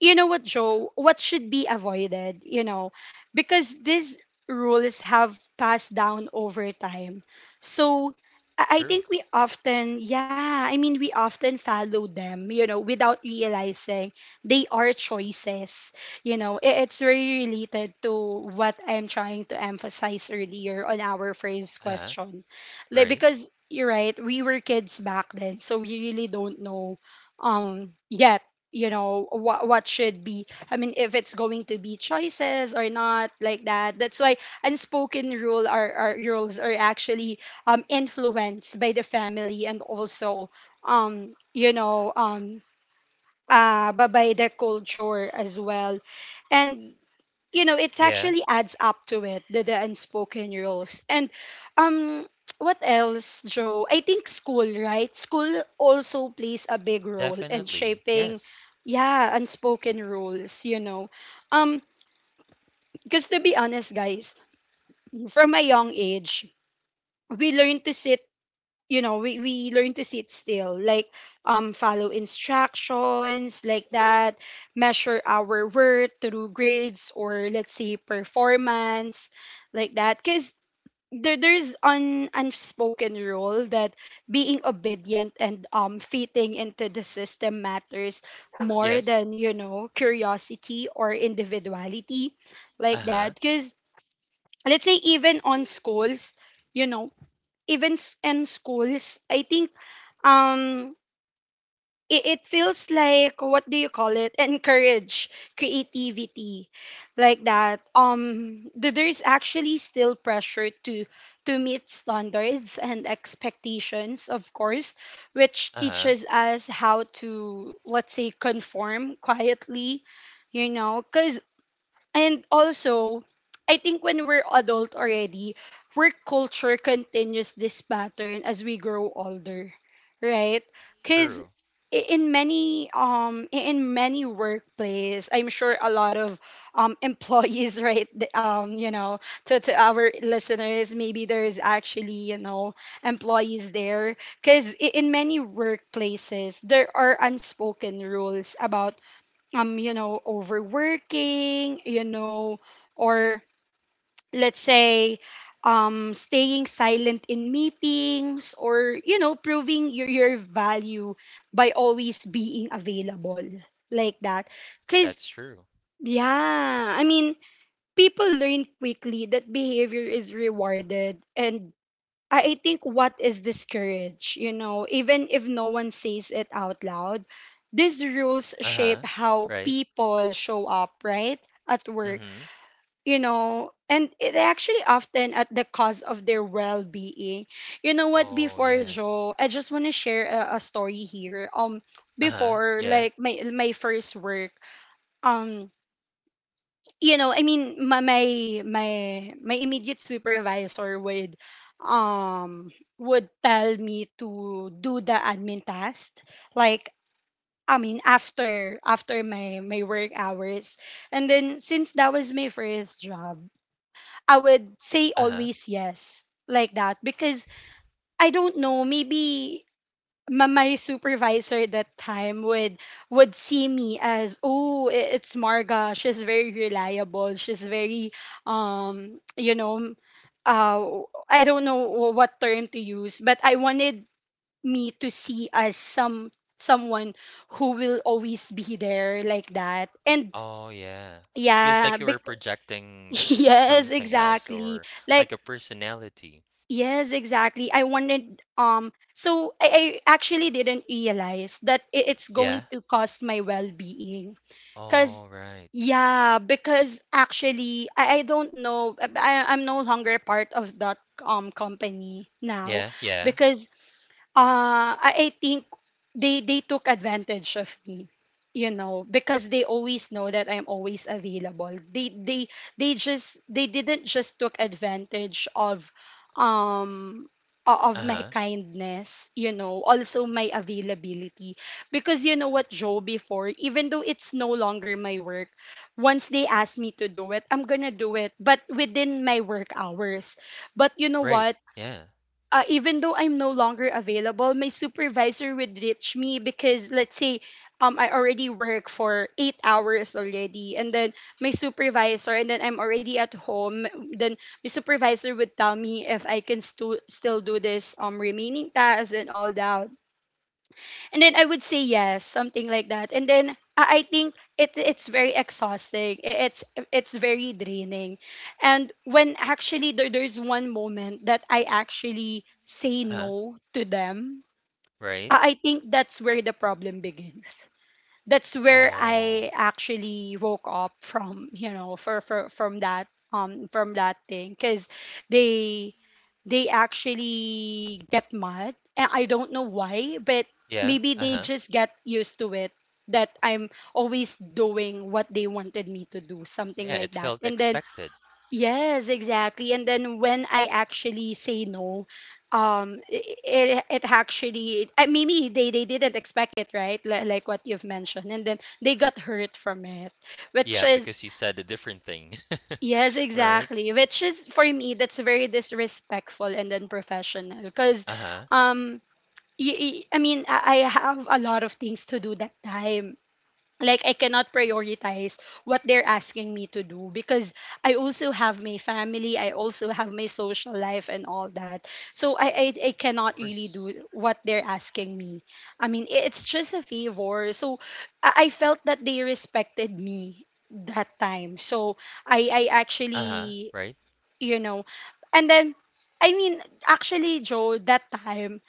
Speaker 1: you know what, Joe, what should be avoided, you know, because these rules have passed down over time. So I
Speaker 2: True.
Speaker 1: think we often, yeah, I mean, we often follow them, you know, without realizing they are choices. You know, it's very related to what I'm trying to emphasize earlier on our first
Speaker 2: Uh-huh.
Speaker 1: question. Like,
Speaker 2: Right.
Speaker 1: because you're right, we were kids back then, so we really don't know yet you know what should be, I mean, if it's going to be choices or not, like that. That's why unspoken rules are actually influenced by the family and also um you know um but by the culture as well. And you know it
Speaker 2: Yeah,
Speaker 1: actually adds up to it, the unspoken rules. And um (tsk) what else, Joe? I think school, right? School also plays a big role in
Speaker 2: definitely.
Speaker 1: shaping,
Speaker 2: Yes.
Speaker 1: yeah, unspoken rules, you know. um because to be honest guys, from a young age we learn to sit, you know, we learn to sit still, like follow instructions, like that. Measure our worth through grades, or let's say performance, like that. Because there's an unspoken rule that being obedient and fitting into the system matters more
Speaker 2: Yes.
Speaker 1: than, you know, curiosity or individuality, like
Speaker 2: Uh-huh.
Speaker 1: that. Because let's say even on schools, you know, even in schools I think, um it, it feels like, what do you call it, encourage creativity, like that. There's actually still pressure to meet standards and expectations, of course, which
Speaker 2: Uh-huh.
Speaker 1: teaches us how to, let's say, conform quietly, you know. Because, and also, I think when we're adult already, work culture continues this pattern as we grow older, right? Because
Speaker 2: True.
Speaker 1: in many in many workplace, I'm sure a lot of employees, (laughs) right? You know, to our listeners, maybe there's actually, you know, employees there, because in many workplaces there are unspoken rules about, you know, overworking, you know, or let's say, staying silent in meetings, or, you know, proving your value by always being available, like that. Because,
Speaker 2: That's true.
Speaker 1: yeah, I mean, people learn quickly that behavior is rewarded, and I think, what is this courage? You know, even if no one says it out loud, these rules
Speaker 2: Uh-huh.
Speaker 1: shape how
Speaker 2: Right.
Speaker 1: people show up, right? At work,
Speaker 2: Mhm.
Speaker 1: you know, and it actually often at the cost of their well being. You know what?
Speaker 2: Oh,
Speaker 1: Before
Speaker 2: yes.
Speaker 1: Joe, I just want to share a story here.
Speaker 2: Uh-huh.
Speaker 1: Before
Speaker 2: Yeah.
Speaker 1: like my first work, um, you know, I mean, my immediate supervisor um would tell me to do the admin task, like, I mean, after my work hours. And then since that was my first job, I would say
Speaker 2: Uh-huh.
Speaker 1: always yes, like that. Because I don't know, maybe my supervisor at that time would see me as, oh, it's Marga, she's very reliable, she's very um you know uh I don't know what term to use, but I wanted me to see as some someone who will always be there, like that. And
Speaker 2: Oh, yeah. Feels
Speaker 1: yeah,
Speaker 2: like you are
Speaker 1: (laughs)
Speaker 2: projecting
Speaker 1: yes,
Speaker 2: something else,
Speaker 1: exactly,
Speaker 2: or
Speaker 1: like.
Speaker 2: like a personality.
Speaker 1: Yes, exactly. I wanted, so I actually didn't realize that it's going
Speaker 2: Yeah.
Speaker 1: to cost my well-being.
Speaker 2: All
Speaker 1: Cause,
Speaker 2: right.
Speaker 1: yeah, because actually, I don't know, I'm no longer part of that company now,
Speaker 2: Yeah, yeah.
Speaker 1: because I think they took advantage of me, you know, because they always know that I'm always available. They didn't just took advantage of um of my
Speaker 2: Uh-huh.
Speaker 1: kindness, you know, also my availability. Because you know what, Joe, before, even though it's no longer
Speaker 2: Mhm.
Speaker 1: my work, once they ask me to do it, I'm gonna do it, but within my work hours. But you know
Speaker 2: Right.
Speaker 1: what?
Speaker 2: Yeah.
Speaker 1: Even though I'm no longer available, my supervisor would reach me, because let's say, I already work for 8 hours already, and then my supervisor, and then I'm already at home. Then my supervisor would tell me if I can still do this remaining tasks and all that. And then I would say yes, something like that. And then I think it's very exhausting. It's very draining. And when actually there's one moment that I actually say
Speaker 2: Uh-huh.
Speaker 1: no to them,
Speaker 2: Right.
Speaker 1: I think that's where the problem begins. That's where
Speaker 2: Oh.
Speaker 1: I actually woke up from, you know, for from that thing, because they they actually get mad. And I don't know why, but
Speaker 2: Yeah.
Speaker 1: maybe they
Speaker 2: Uh-huh.
Speaker 1: just get used to it, that I'm always doing what they wanted me to do, something
Speaker 2: Yeah,
Speaker 1: like
Speaker 2: it
Speaker 1: that.
Speaker 2: felt
Speaker 1: And then,
Speaker 2: expected.
Speaker 1: yes, exactly. And then when I actually say no, it it actually maybe they didn't expect it, right, like what you've mentioned, and then they got hurt from it, which
Speaker 2: Yeah,
Speaker 1: is.
Speaker 2: because you said a different thing.
Speaker 1: Yes,
Speaker 2: (laughs) Right?
Speaker 1: exactly. Which is for me that's very disrespectful and unprofessional, because
Speaker 2: Uh-huh.
Speaker 1: um I mean I have a lot of things to do that time, like I cannot prioritize what they're asking me to do, because I also have my family, I also have my social life and all that. So I cannot
Speaker 2: Of
Speaker 1: really
Speaker 2: course.
Speaker 1: do what they're asking me. I mean, it's just a favor. So I felt that they respected me that time. So I
Speaker 2: Uh-huh.
Speaker 1: actually,
Speaker 2: Right?
Speaker 1: you know, and then, I mean, actually, Joe, that time,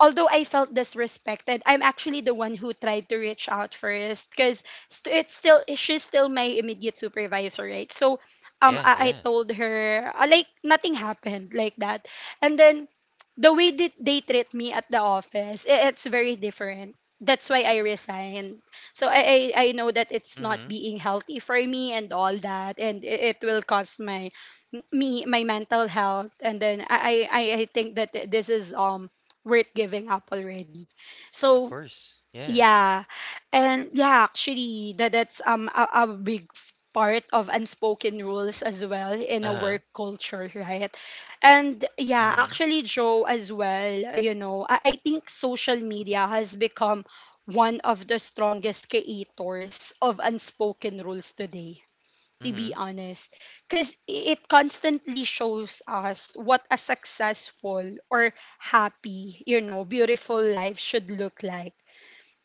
Speaker 1: although I felt disrespected, I'm actually the one who tried to reach out first, because st- it's still she's still my immediate supervisor, right? So um
Speaker 2: Yeah,
Speaker 1: I, I
Speaker 2: yeah.
Speaker 1: told her like nothing happened, like that. And then the way that they treat me at the office, it's very different. That's why I resigned. So I know that it's not
Speaker 2: Mhm.
Speaker 1: being healthy for me and all that, and it will cause my mental health, and then I think that this is worth giving up already.
Speaker 2: Of
Speaker 1: So
Speaker 2: course. Yeah.
Speaker 1: yeah, and yeah, actually that's a big part of unspoken rules as well in a work
Speaker 2: Uh-huh.
Speaker 1: culture, right? And yeah,
Speaker 2: Mhm.
Speaker 1: actually Joe as well, you know, I think social media has become one of the strongest creators of unspoken rules today, to be
Speaker 2: Mhm.
Speaker 1: honest, because it constantly shows us what a successful or happy, you know, beautiful life should look like.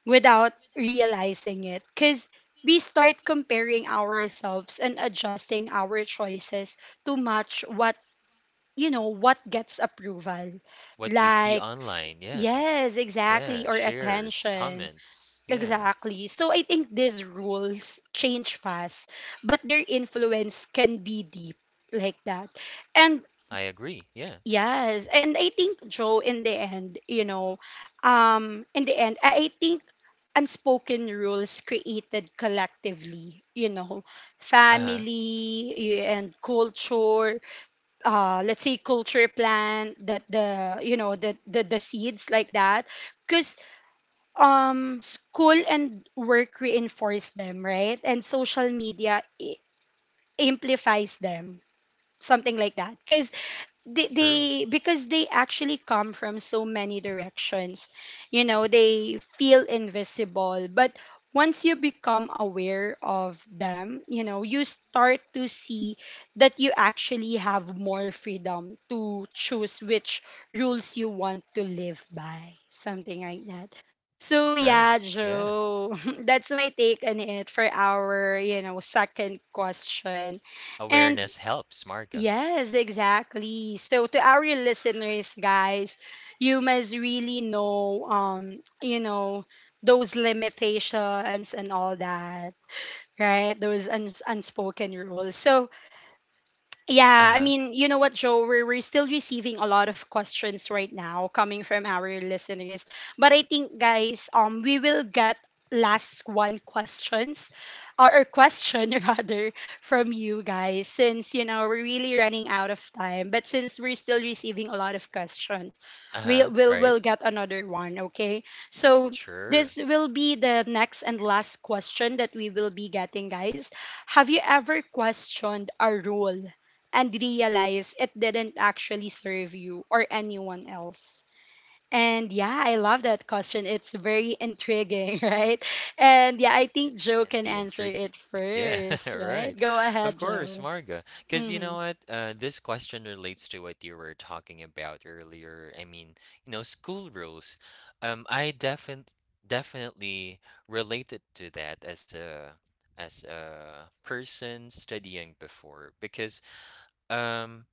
Speaker 1: Without realizing it, because we start comparing ourselves and adjusting our choices to match what, you know, what gets approval,
Speaker 2: What we see
Speaker 1: likes,
Speaker 2: online, yes.
Speaker 1: yes
Speaker 2: Yeah,
Speaker 1: exactly, or
Speaker 2: shares,
Speaker 1: attention.
Speaker 2: comments. Yeah.
Speaker 1: Exactly. So I think these rules change fast, but their influence can be deep, like that. And
Speaker 2: I agree. Yeah.
Speaker 1: yes, and I think Joe, in the end, you know, in the end I think unspoken rules created collectively, you know,
Speaker 2: Uh-huh.
Speaker 1: family and culture, let's say culture plan that, the, you know, the the seeds, like that. Because school and work reinforce them, right, and social media amplifies them, something like that.
Speaker 2: True.
Speaker 1: They Because they actually come from so many directions, you know, they feel invisible. But once you become aware of them, you know, you start to see that you actually have more freedom to choose which rules you want to live by, something like that. So yeah,
Speaker 2: Nice. Yeah.
Speaker 1: Joe, (laughs) that's my take on it for our, you know, second question. And
Speaker 2: Awareness helps, Marga.
Speaker 1: yes, exactly. So to our listeners, guys, you must really know, you know, those limitations and all that, right? Those unspoken rules. So yeah, I
Speaker 2: Uh-huh.
Speaker 1: mean, you know what, Joe? We're still receiving a lot of questions right now coming from our listeners. But I think, guys, we will get last one questions, or question (laughs) rather from you guys, since you know we're really running out of time. But since we're still receiving a lot of questions, we'll
Speaker 2: Uh-huh,
Speaker 1: we'll,
Speaker 2: right.
Speaker 1: we'll get another one, okay. So this
Speaker 2: Sure.
Speaker 1: will be the next and last question that we will be getting, guys. Have you ever questioned a rule and realize it didn't actually serve you or anyone else? And yeah, I love that question. It's very intriguing, (laughs) right? And yeah, I think Joe
Speaker 2: Can
Speaker 1: can
Speaker 2: be
Speaker 1: answer
Speaker 2: intriguing.
Speaker 1: it
Speaker 2: Yeah, (laughs)
Speaker 1: first, right?
Speaker 2: right.
Speaker 1: Go
Speaker 2: Of
Speaker 1: ahead,
Speaker 2: course,
Speaker 1: Joe.
Speaker 2: Marga. Because you
Speaker 1: Mm-hmm.
Speaker 2: know what? This question relates to what you were talking about earlier. I mean, school rules. I definitely related to that as a person studying before because um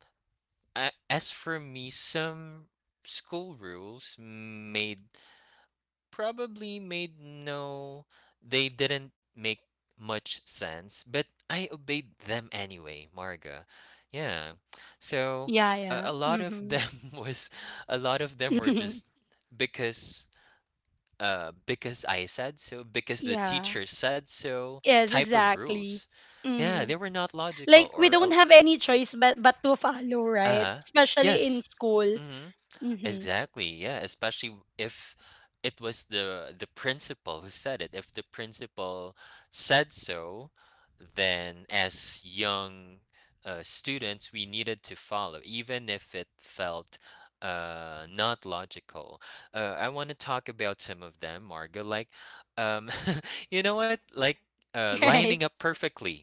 Speaker 2: as for me, some school rules made probably made no they didn't make much sense, but I obeyed them anyway, Marga. Yeah, so
Speaker 1: Yeah, yeah.
Speaker 2: a lot of
Speaker 1: Mm-hmm.
Speaker 2: them (laughs) was a lot of them were just because, because I said so,
Speaker 1: (laughs)
Speaker 2: because the
Speaker 1: Yeah.
Speaker 2: teacher said so,
Speaker 1: Yes,
Speaker 2: type of rule.
Speaker 1: exactly.
Speaker 2: Yeah,
Speaker 1: Mm-hmm.
Speaker 2: they were not logical,
Speaker 1: Like we
Speaker 2: or
Speaker 1: don't have any choice but to follow, right?
Speaker 2: uh
Speaker 1: Especially
Speaker 2: yes.
Speaker 1: in school.
Speaker 2: Mm-hmm.
Speaker 1: Mm-hmm.
Speaker 2: Exactly, yeah, especially if it was the principal who said it. If the principal said so, then as young students, we needed to follow, even if it felt not logical. I want to talk about some of them, Marga. Like, um, (laughs) you know what? Like, uh,
Speaker 1: (laughs)
Speaker 2: lining
Speaker 1: Right.
Speaker 2: up perfectly,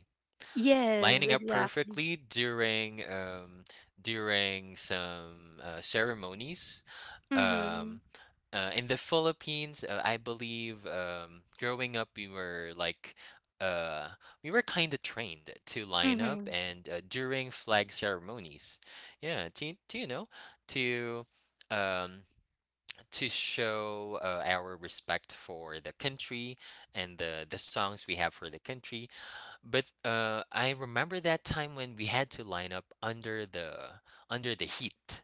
Speaker 1: Yes,
Speaker 2: lining up
Speaker 1: exactly.
Speaker 2: perfectly during during some ceremonies
Speaker 1: Mm-hmm.
Speaker 2: um, in the Philippines, I believe growing up, uh, we were kind of trained to line up
Speaker 1: Mm-hmm.
Speaker 2: and, during flag ceremonies, yeah, to you know, to um, to show our respect for the country and the songs we have for the country. But, I remember that time when we had to line up under the heat.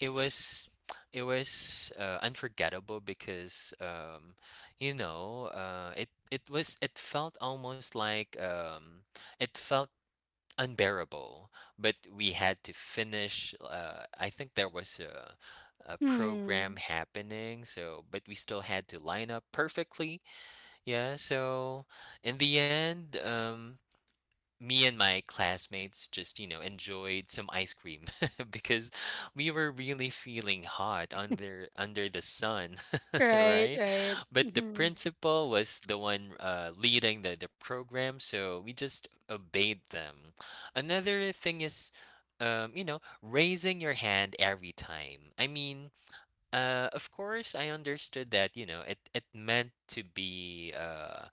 Speaker 2: it was it was unforgettable because, it felt almost like, it felt unbearable, but we had to finish. I think there was a program
Speaker 1: Hmm.
Speaker 2: happening, so, but we still had to line up perfectly. Yeah, so in the end, me and my classmates just, enjoyed some ice cream (laughs) because we were really feeling hot under the sun, (laughs)
Speaker 1: Right,
Speaker 2: right?
Speaker 1: right.
Speaker 2: But the
Speaker 1: Mm-hmm.
Speaker 2: principal was the one leading the program, so we just obeyed them. Another thing is, raising your hand every time. I mean, of course, I understood that, it meant to be,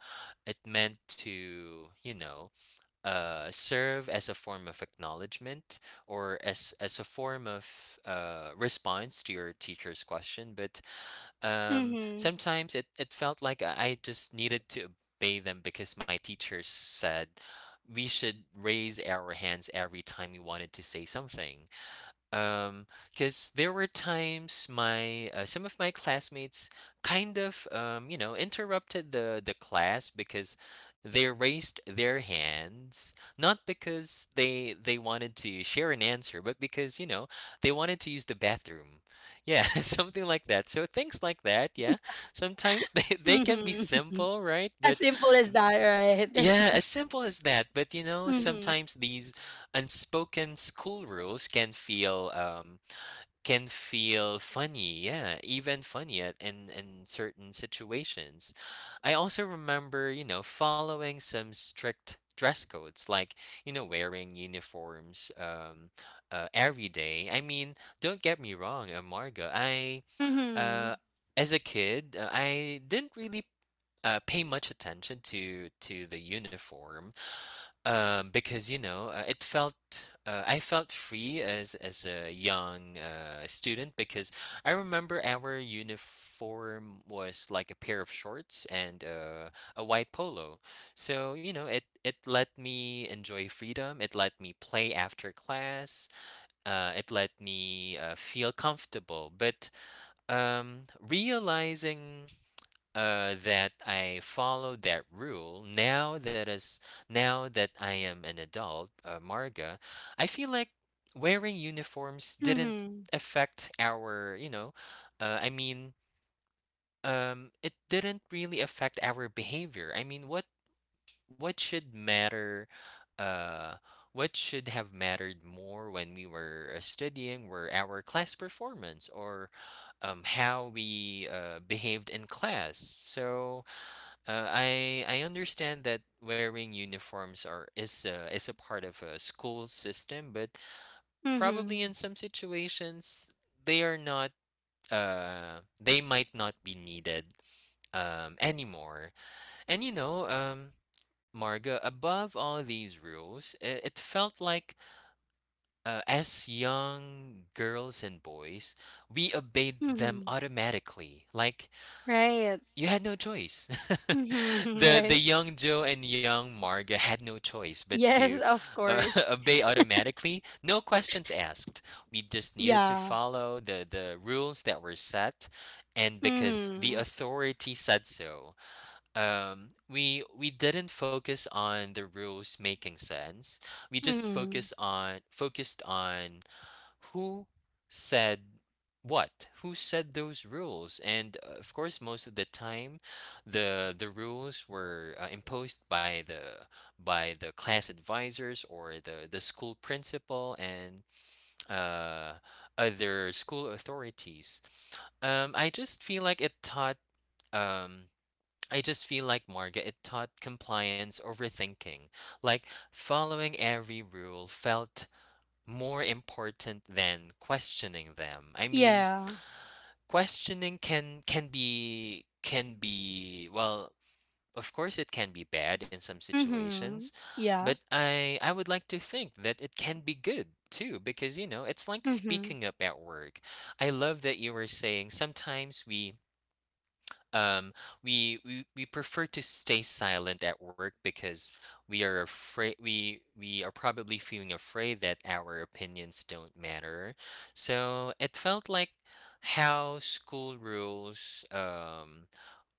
Speaker 2: it meant to, serve as a form of acknowledgement, or as a form of response to your teacher's question. But,
Speaker 1: Mm-hmm.
Speaker 2: sometimes it felt like I just needed to obey them because my teachers said we should raise our hands every time we wanted to say something. Um, because there were times my some of my classmates kind of, interrupted the class because they raised their hands, not because they wanted to share an answer, but because, they wanted to use the bathroom. Yeah, (laughs) something like that. So things like that, yeah, sometimes they, (laughs) they can be
Speaker 1: Mm-hmm. (laughs)
Speaker 2: simple, right?
Speaker 1: As
Speaker 2: But
Speaker 1: simple as that,
Speaker 2: yeah,
Speaker 1: right?
Speaker 2: as
Speaker 1: (laughs)
Speaker 2: simple as that. But you know,
Speaker 1: Mm-hmm.
Speaker 2: sometimes these unspoken school rules can feel, funny, yeah, even funny at, in certain situations. I also remember, following some strict dress codes, like, wearing uniforms, every day. I mean, don't get me wrong, amarga. I
Speaker 1: Mm-hmm.
Speaker 2: uh as a kid, I didn't really pay much attention to the uniform, because, it felt, I felt free as a young student, because I remember our uniform was like a pair of shorts and, a white polo. So, it let me enjoy freedom. It let me play after class. It let me, feel comfortable. But, realizing, that I followed that rule now that, as now that I am an adult, Marga, I feel like wearing uniforms didn't
Speaker 1: Mm-hmm.
Speaker 2: affect our, I mean, it didn't really affect our behavior. I mean, what should matter? Uh, what should have mattered more when we were studying were our class performance, or how we behaved in class. So, I understand that wearing uniforms is a part of a school system, but probably in
Speaker 1: Mm-hmm.
Speaker 2: some situations, they are not. They might not be needed anymore. And Marga, above all these rules, it, felt like, as young girls and boys, we obeyed them
Speaker 1: Mm-hmm.
Speaker 2: automatically. Like,
Speaker 1: Right.
Speaker 2: you had no choice. (laughs)
Speaker 1: Mm-hmm. (laughs)
Speaker 2: The
Speaker 1: Right.
Speaker 2: young Joe and young Marga (laughs) had no choice but to,
Speaker 1: Yes, of
Speaker 2: uh,
Speaker 1: course.
Speaker 2: (laughs) obey automatically, no questions asked. We just needed to
Speaker 1: Yeah.
Speaker 2: follow the rules that were set, and because the
Speaker 1: Mm-hmm.
Speaker 2: authority said so. We didn't focus on the rules making sense. We just
Speaker 1: Mm-hmm.
Speaker 2: focused on who said what, who said those rules, and, of course, most of the time the rules were, imposed by the class advisors, or the school principal, and uh, other school authorities. I just feel like it taught. Um, I just feel like, Marga, it taught compliance overthinking. Like, following every rule felt more important than questioning them. I mean,
Speaker 1: Yeah.
Speaker 2: questioning can be, well, of course, it can be bad in some situations,
Speaker 1: Mm-hmm.
Speaker 2: but
Speaker 1: Yeah.
Speaker 2: I would like to think that it can be good too, because, you know, it's like
Speaker 1: Mm-hmm.
Speaker 2: speaking up at work. I love that you were saying sometimes um, we prefer to stay silent at work because we are afraid, we are probably feeling afraid that our opinions don't matter. So it felt like, how school rules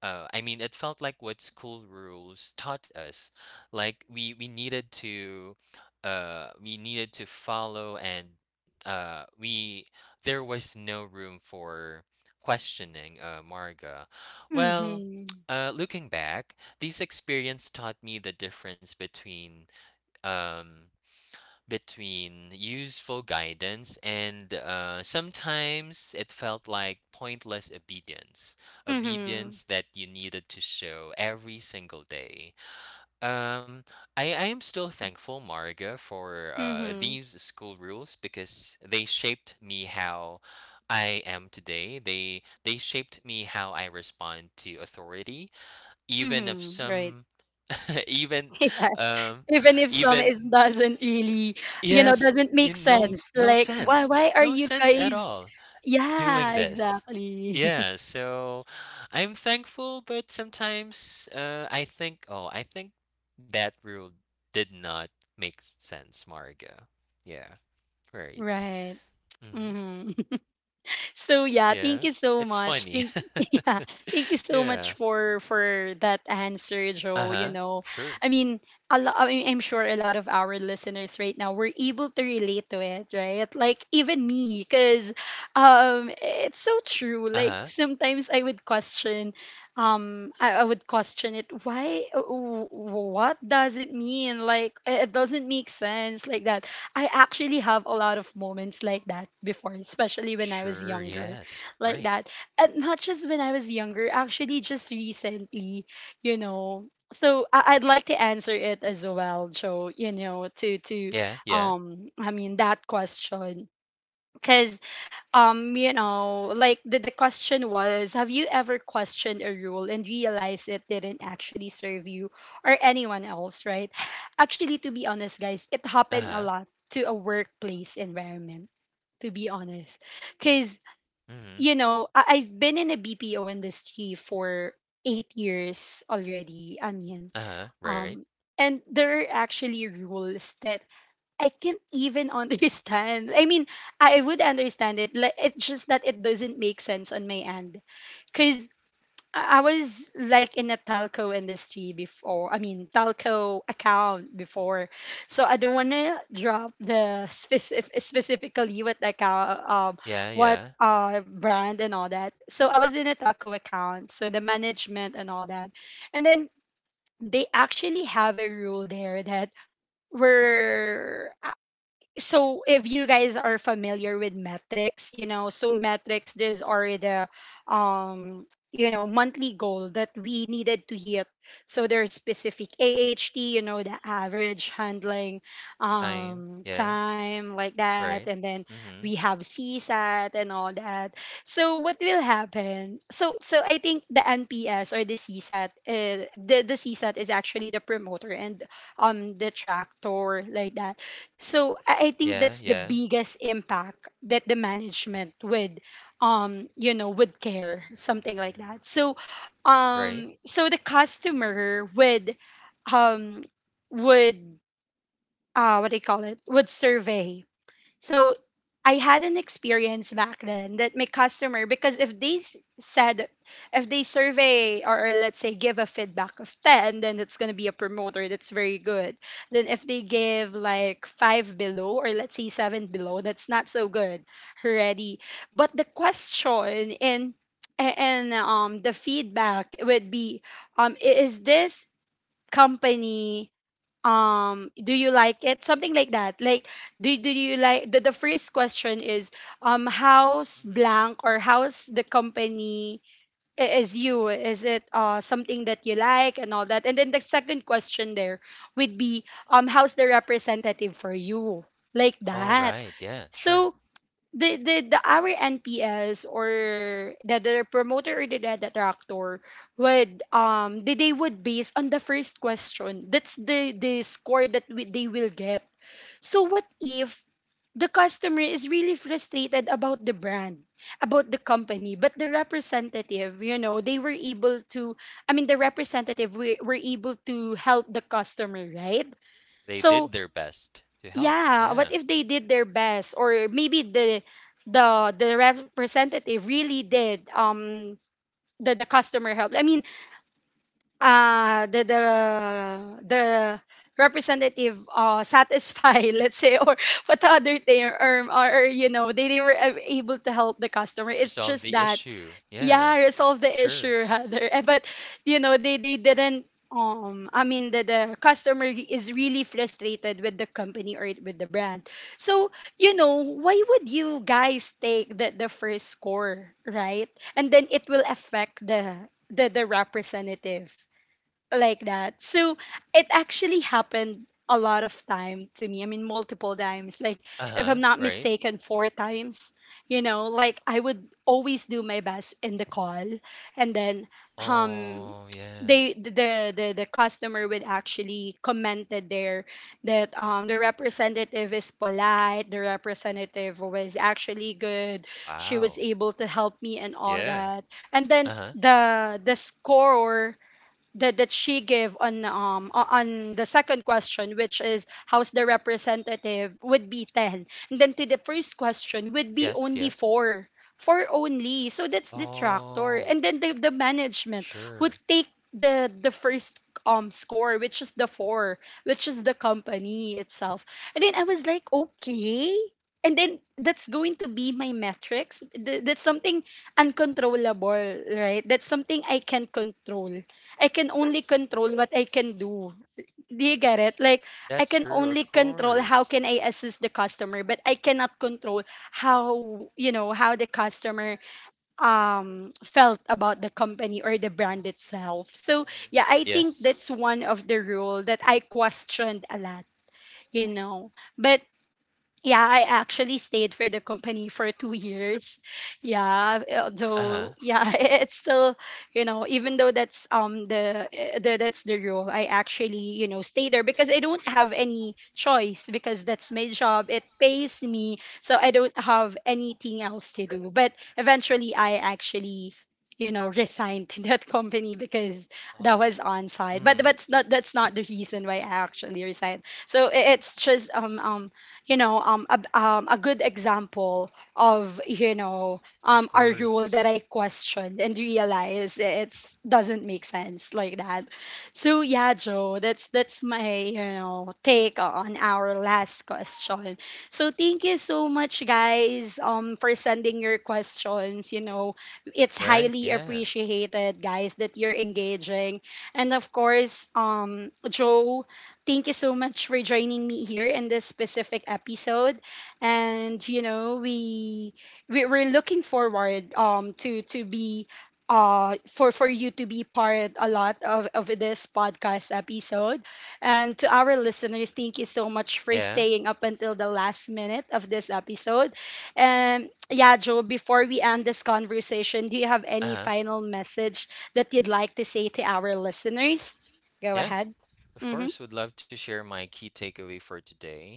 Speaker 2: I mean, it felt like what school rules taught us. Like, we needed to, we needed to follow, and, we there was no room for questioning, Marga. Well,
Speaker 1: Mm-hmm.
Speaker 2: looking back, these experience taught me the difference between, um between useful guidance and, sometimes it felt like pointless
Speaker 1: Mm-hmm.
Speaker 2: obedience that you needed to show every single day. um, I am still thankful, Marga, for,
Speaker 1: Mm-hmm.
Speaker 2: these school rules, because they shaped me how I am today. They shaped me how I respond to authority, even if
Speaker 1: Mm-hmm. Right.
Speaker 2: some (laughs) even,
Speaker 1: (laughs) Yeah.
Speaker 2: um,
Speaker 1: Even if some
Speaker 2: even.
Speaker 1: is doesn't really, you know,
Speaker 2: Yes,
Speaker 1: doesn't make
Speaker 2: in
Speaker 1: sense,
Speaker 2: no
Speaker 1: like, why,
Speaker 2: sense,
Speaker 1: are
Speaker 2: no
Speaker 1: you
Speaker 2: sense at
Speaker 1: guys,
Speaker 2: all, doing
Speaker 1: yeah,
Speaker 2: this.
Speaker 1: exactly,
Speaker 2: Yeah, so I'm thankful, but sometimes, I think, oh, I think that rule did not make sense, Marga. Yeah,
Speaker 1: (laughs)
Speaker 2: right.
Speaker 1: right.
Speaker 2: Hmm.
Speaker 1: Hmm. So yeah, thank you
Speaker 2: Yeah,
Speaker 1: so
Speaker 2: it's
Speaker 1: much,
Speaker 2: funny.
Speaker 1: thank, (laughs) yeah, thank you
Speaker 2: (laughs)
Speaker 1: so much
Speaker 2: yeah.
Speaker 1: for that answer, Joe.
Speaker 2: Uh
Speaker 1: You
Speaker 2: huh.
Speaker 1: know, I
Speaker 2: Sure.
Speaker 1: mean, I mean, I'm sure a lot of our listeners right now were able to relate to it, right, like even me, because it's so true,
Speaker 2: Uh
Speaker 1: like
Speaker 2: huh.
Speaker 1: sometimes I would question, I would question it, why, what does it mean, like it doesn't make sense, like that. I actually have a lot of moments like that before, especially when I was
Speaker 2: Sure.
Speaker 1: younger,
Speaker 2: Yes.
Speaker 1: like
Speaker 2: Right.
Speaker 1: that. And not just when I was younger, actually, just recently, you know. So I'd like to answer it as well, Joe. You know, to
Speaker 2: Yeah. Yeah.
Speaker 1: I mean that question because you know like the question was, have you ever questioned a rule and realized it didn't actually serve you or anyone else, right? Actually, to be honest, guys, it
Speaker 2: Uh
Speaker 1: happened a
Speaker 2: huh.
Speaker 1: lot to a workplace environment, to be honest, because
Speaker 2: Mm-hmm.
Speaker 1: you know I've been in a bpo industry for 8 years already. i mean
Speaker 2: Uh huh. Right.
Speaker 1: um and there are actually rules that I can't even (laughs) understand. I mean, I would understand it. Like, it's just that it doesn't make sense on my end. Cause I was like in a telco industry before. I mean, telco account before. So I don't wanna drop the specifically what the account,
Speaker 2: Yeah.
Speaker 1: what
Speaker 2: Yeah.
Speaker 1: brand and all that. So I was in a telco account. So the management and all that, and then they actually have a rule there that were. So if you guys are familiar with metrics, you know, so metrics, these are the um you know monthly goal that we needed to hit. So there's specific aht, you know, the average handling
Speaker 2: Time. Yeah.
Speaker 1: time, like that,
Speaker 2: Right.
Speaker 1: and then
Speaker 2: Mm-hmm.
Speaker 1: we have csat and all that. So what will happen? So I think the nps or the csat, the csat is actually the promoter and the tractor, like that. So I think
Speaker 2: Yeah,
Speaker 1: that's the
Speaker 2: yeah,
Speaker 1: biggest impact that the management would you know would care, something like that. So
Speaker 2: right.
Speaker 1: so the customer um would what do you call it, would survey. So I had an experience back then that my customer, because if they said, if they survey or let's say give a feedback of 10, then it's going to be a promoter, that's very good. Then if they give like five below or let's say seven below, that's not so good already. But the question and the feedback would be, is this company, do you like it, something like that? Like do you like the first question is, how's blank or how's the company, is it something that you like and all that? And then the second question there would be, how's the representative for you, like
Speaker 2: All
Speaker 1: that.
Speaker 2: right, yeah, sure.
Speaker 1: So the our NPS or the promoter or the detractor would, they would base on the first question. That's the score that they will get. So what if the customer is really frustrated about the brand, about the company, but the representative, you know, they were able to, I mean the representative were able to help the customer, right?
Speaker 2: They
Speaker 1: So
Speaker 2: did their best to help.
Speaker 1: yeah, what
Speaker 2: Yeah,
Speaker 1: if they did their best, or maybe the the the representative really did the customer help. I mean, uh the the the representative satisfy, (laughs) let's say, or what, the other thing, or you know they were able to help the customer, it's
Speaker 2: resolve
Speaker 1: just
Speaker 2: the
Speaker 1: that,
Speaker 2: issue.
Speaker 1: yeah,
Speaker 2: Yeah,
Speaker 1: resolve the
Speaker 2: sure.
Speaker 1: issue rather. (laughs) Eh, but you know they didn't the customer is really frustrated with the company or with the brand. So, you know, why would you guys take the first score, right? And then it will affect the representative, like that. So it actually happened a lot of time to me. I mean, multiple times. Like, if I'm
Speaker 2: Uh-huh,
Speaker 1: not
Speaker 2: right.
Speaker 1: mistaken, four times. You know, like I would always do my best in the call, and then, um,
Speaker 2: Oh, yeah.
Speaker 1: they the customer would actually commented there that the representative is polite, the representative was actually good, she was
Speaker 2: Wow.
Speaker 1: able to help me and all
Speaker 2: Yeah.
Speaker 1: that, and then
Speaker 2: Uh-huh.
Speaker 1: the score that, that she gave on on the second question, which is how's the representative, would be 10, and then to the first question would be
Speaker 2: Yes,
Speaker 1: only
Speaker 2: yes.
Speaker 1: 4. 4 only, so that's the tractor,
Speaker 2: Oh,
Speaker 1: and then the management would
Speaker 2: sure.
Speaker 1: take the first score, which is the 4, which is the company itself. And then I was like, okay, and then that's going to be my metrics. That's something uncontrollable, right? That's something I can't control. I can only control what I can do. Do you get it? Like, I
Speaker 2: That's
Speaker 1: can
Speaker 2: true, of
Speaker 1: only control how
Speaker 2: course.
Speaker 1: can I assist the customer, but I cannot control how, you know, how the customer felt about the company or the brand itself. So
Speaker 2: Mhm.
Speaker 1: yeah, I think that's
Speaker 2: Yes.
Speaker 1: one of the rule that I questioned a lot, you know. But yeah, I actually stayed for the company for two (laughs) years. Yeah, although,
Speaker 2: Uh-huh.
Speaker 1: yeah, (laughs) it's still, you know, even though that's the, eh, the that's the rule, I actually, you know, stay there because I don't have any choice, because that's my job. It pays me, so I don't have anything else to do. But eventually, I actually, you know, (laughs) resigned to that company because that was
Speaker 2: Oh.
Speaker 1: on site. But
Speaker 2: Mm,
Speaker 1: that's not, the reason why I actually resigned. So eh, it's just you know a good example of, you know,
Speaker 2: of
Speaker 1: a
Speaker 2: course.
Speaker 1: rule that I questioned and realized it doesn't make sense, like that. So yeah, Joe, that's my, you know, take on our last question. So thank you so much, guys, for sending your questions. You know, it's
Speaker 2: Right,
Speaker 1: highly
Speaker 2: yeah.
Speaker 1: appreciated, guys, that you're engaging. And of course, Joe, thank you so much for joining me here in this specific episode. And you know, we we're looking forward to be for you to be part a lot of this podcast episode. And to our listeners, thank you so much for
Speaker 2: Yeah.
Speaker 1: staying up until the last minute of this episode. And yeah, Joe, before we end this conversation, do you have any
Speaker 2: Uh-huh.
Speaker 1: final message that you'd like to say to our listeners? Go
Speaker 2: Yeah.
Speaker 1: ahead.
Speaker 2: Of
Speaker 1: Mm-hmm.
Speaker 2: course, would love to share my key takeaway for today.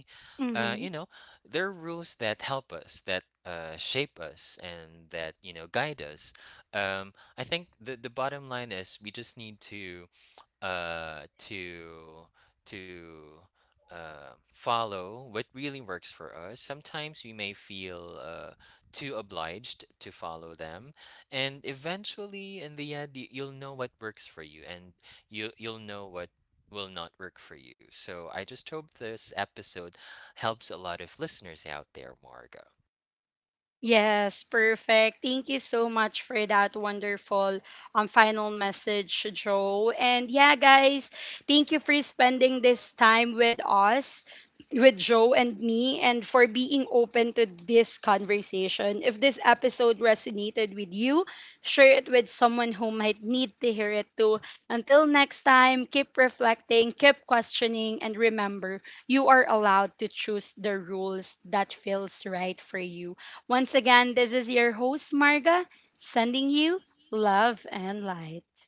Speaker 2: Uh, you
Speaker 1: Mhm.
Speaker 2: know, there are rules that help us, that, shape us, and that, guide us. I think the bottom line is we just need to, uh, to to follow what really works for us. Sometimes we may feel, too obliged to follow them, and eventually, in the end, you'll know what works for you, and you'll know what will not work for you. So I just hope this episode helps a lot of listeners out there, Margo.
Speaker 1: Yes, perfect. Thank you so much for that wonderful final message, Joe. And yeah, guys, thank you for spending this time with us, with Joe and me, and for being open to this conversation. If this episode resonated with you, share it with someone who might need to hear it too. Until next time, keep reflecting, keep questioning, and remember, you are allowed to choose the rules that feels right for you. Once again, this is your host, Marga, sending you love and light.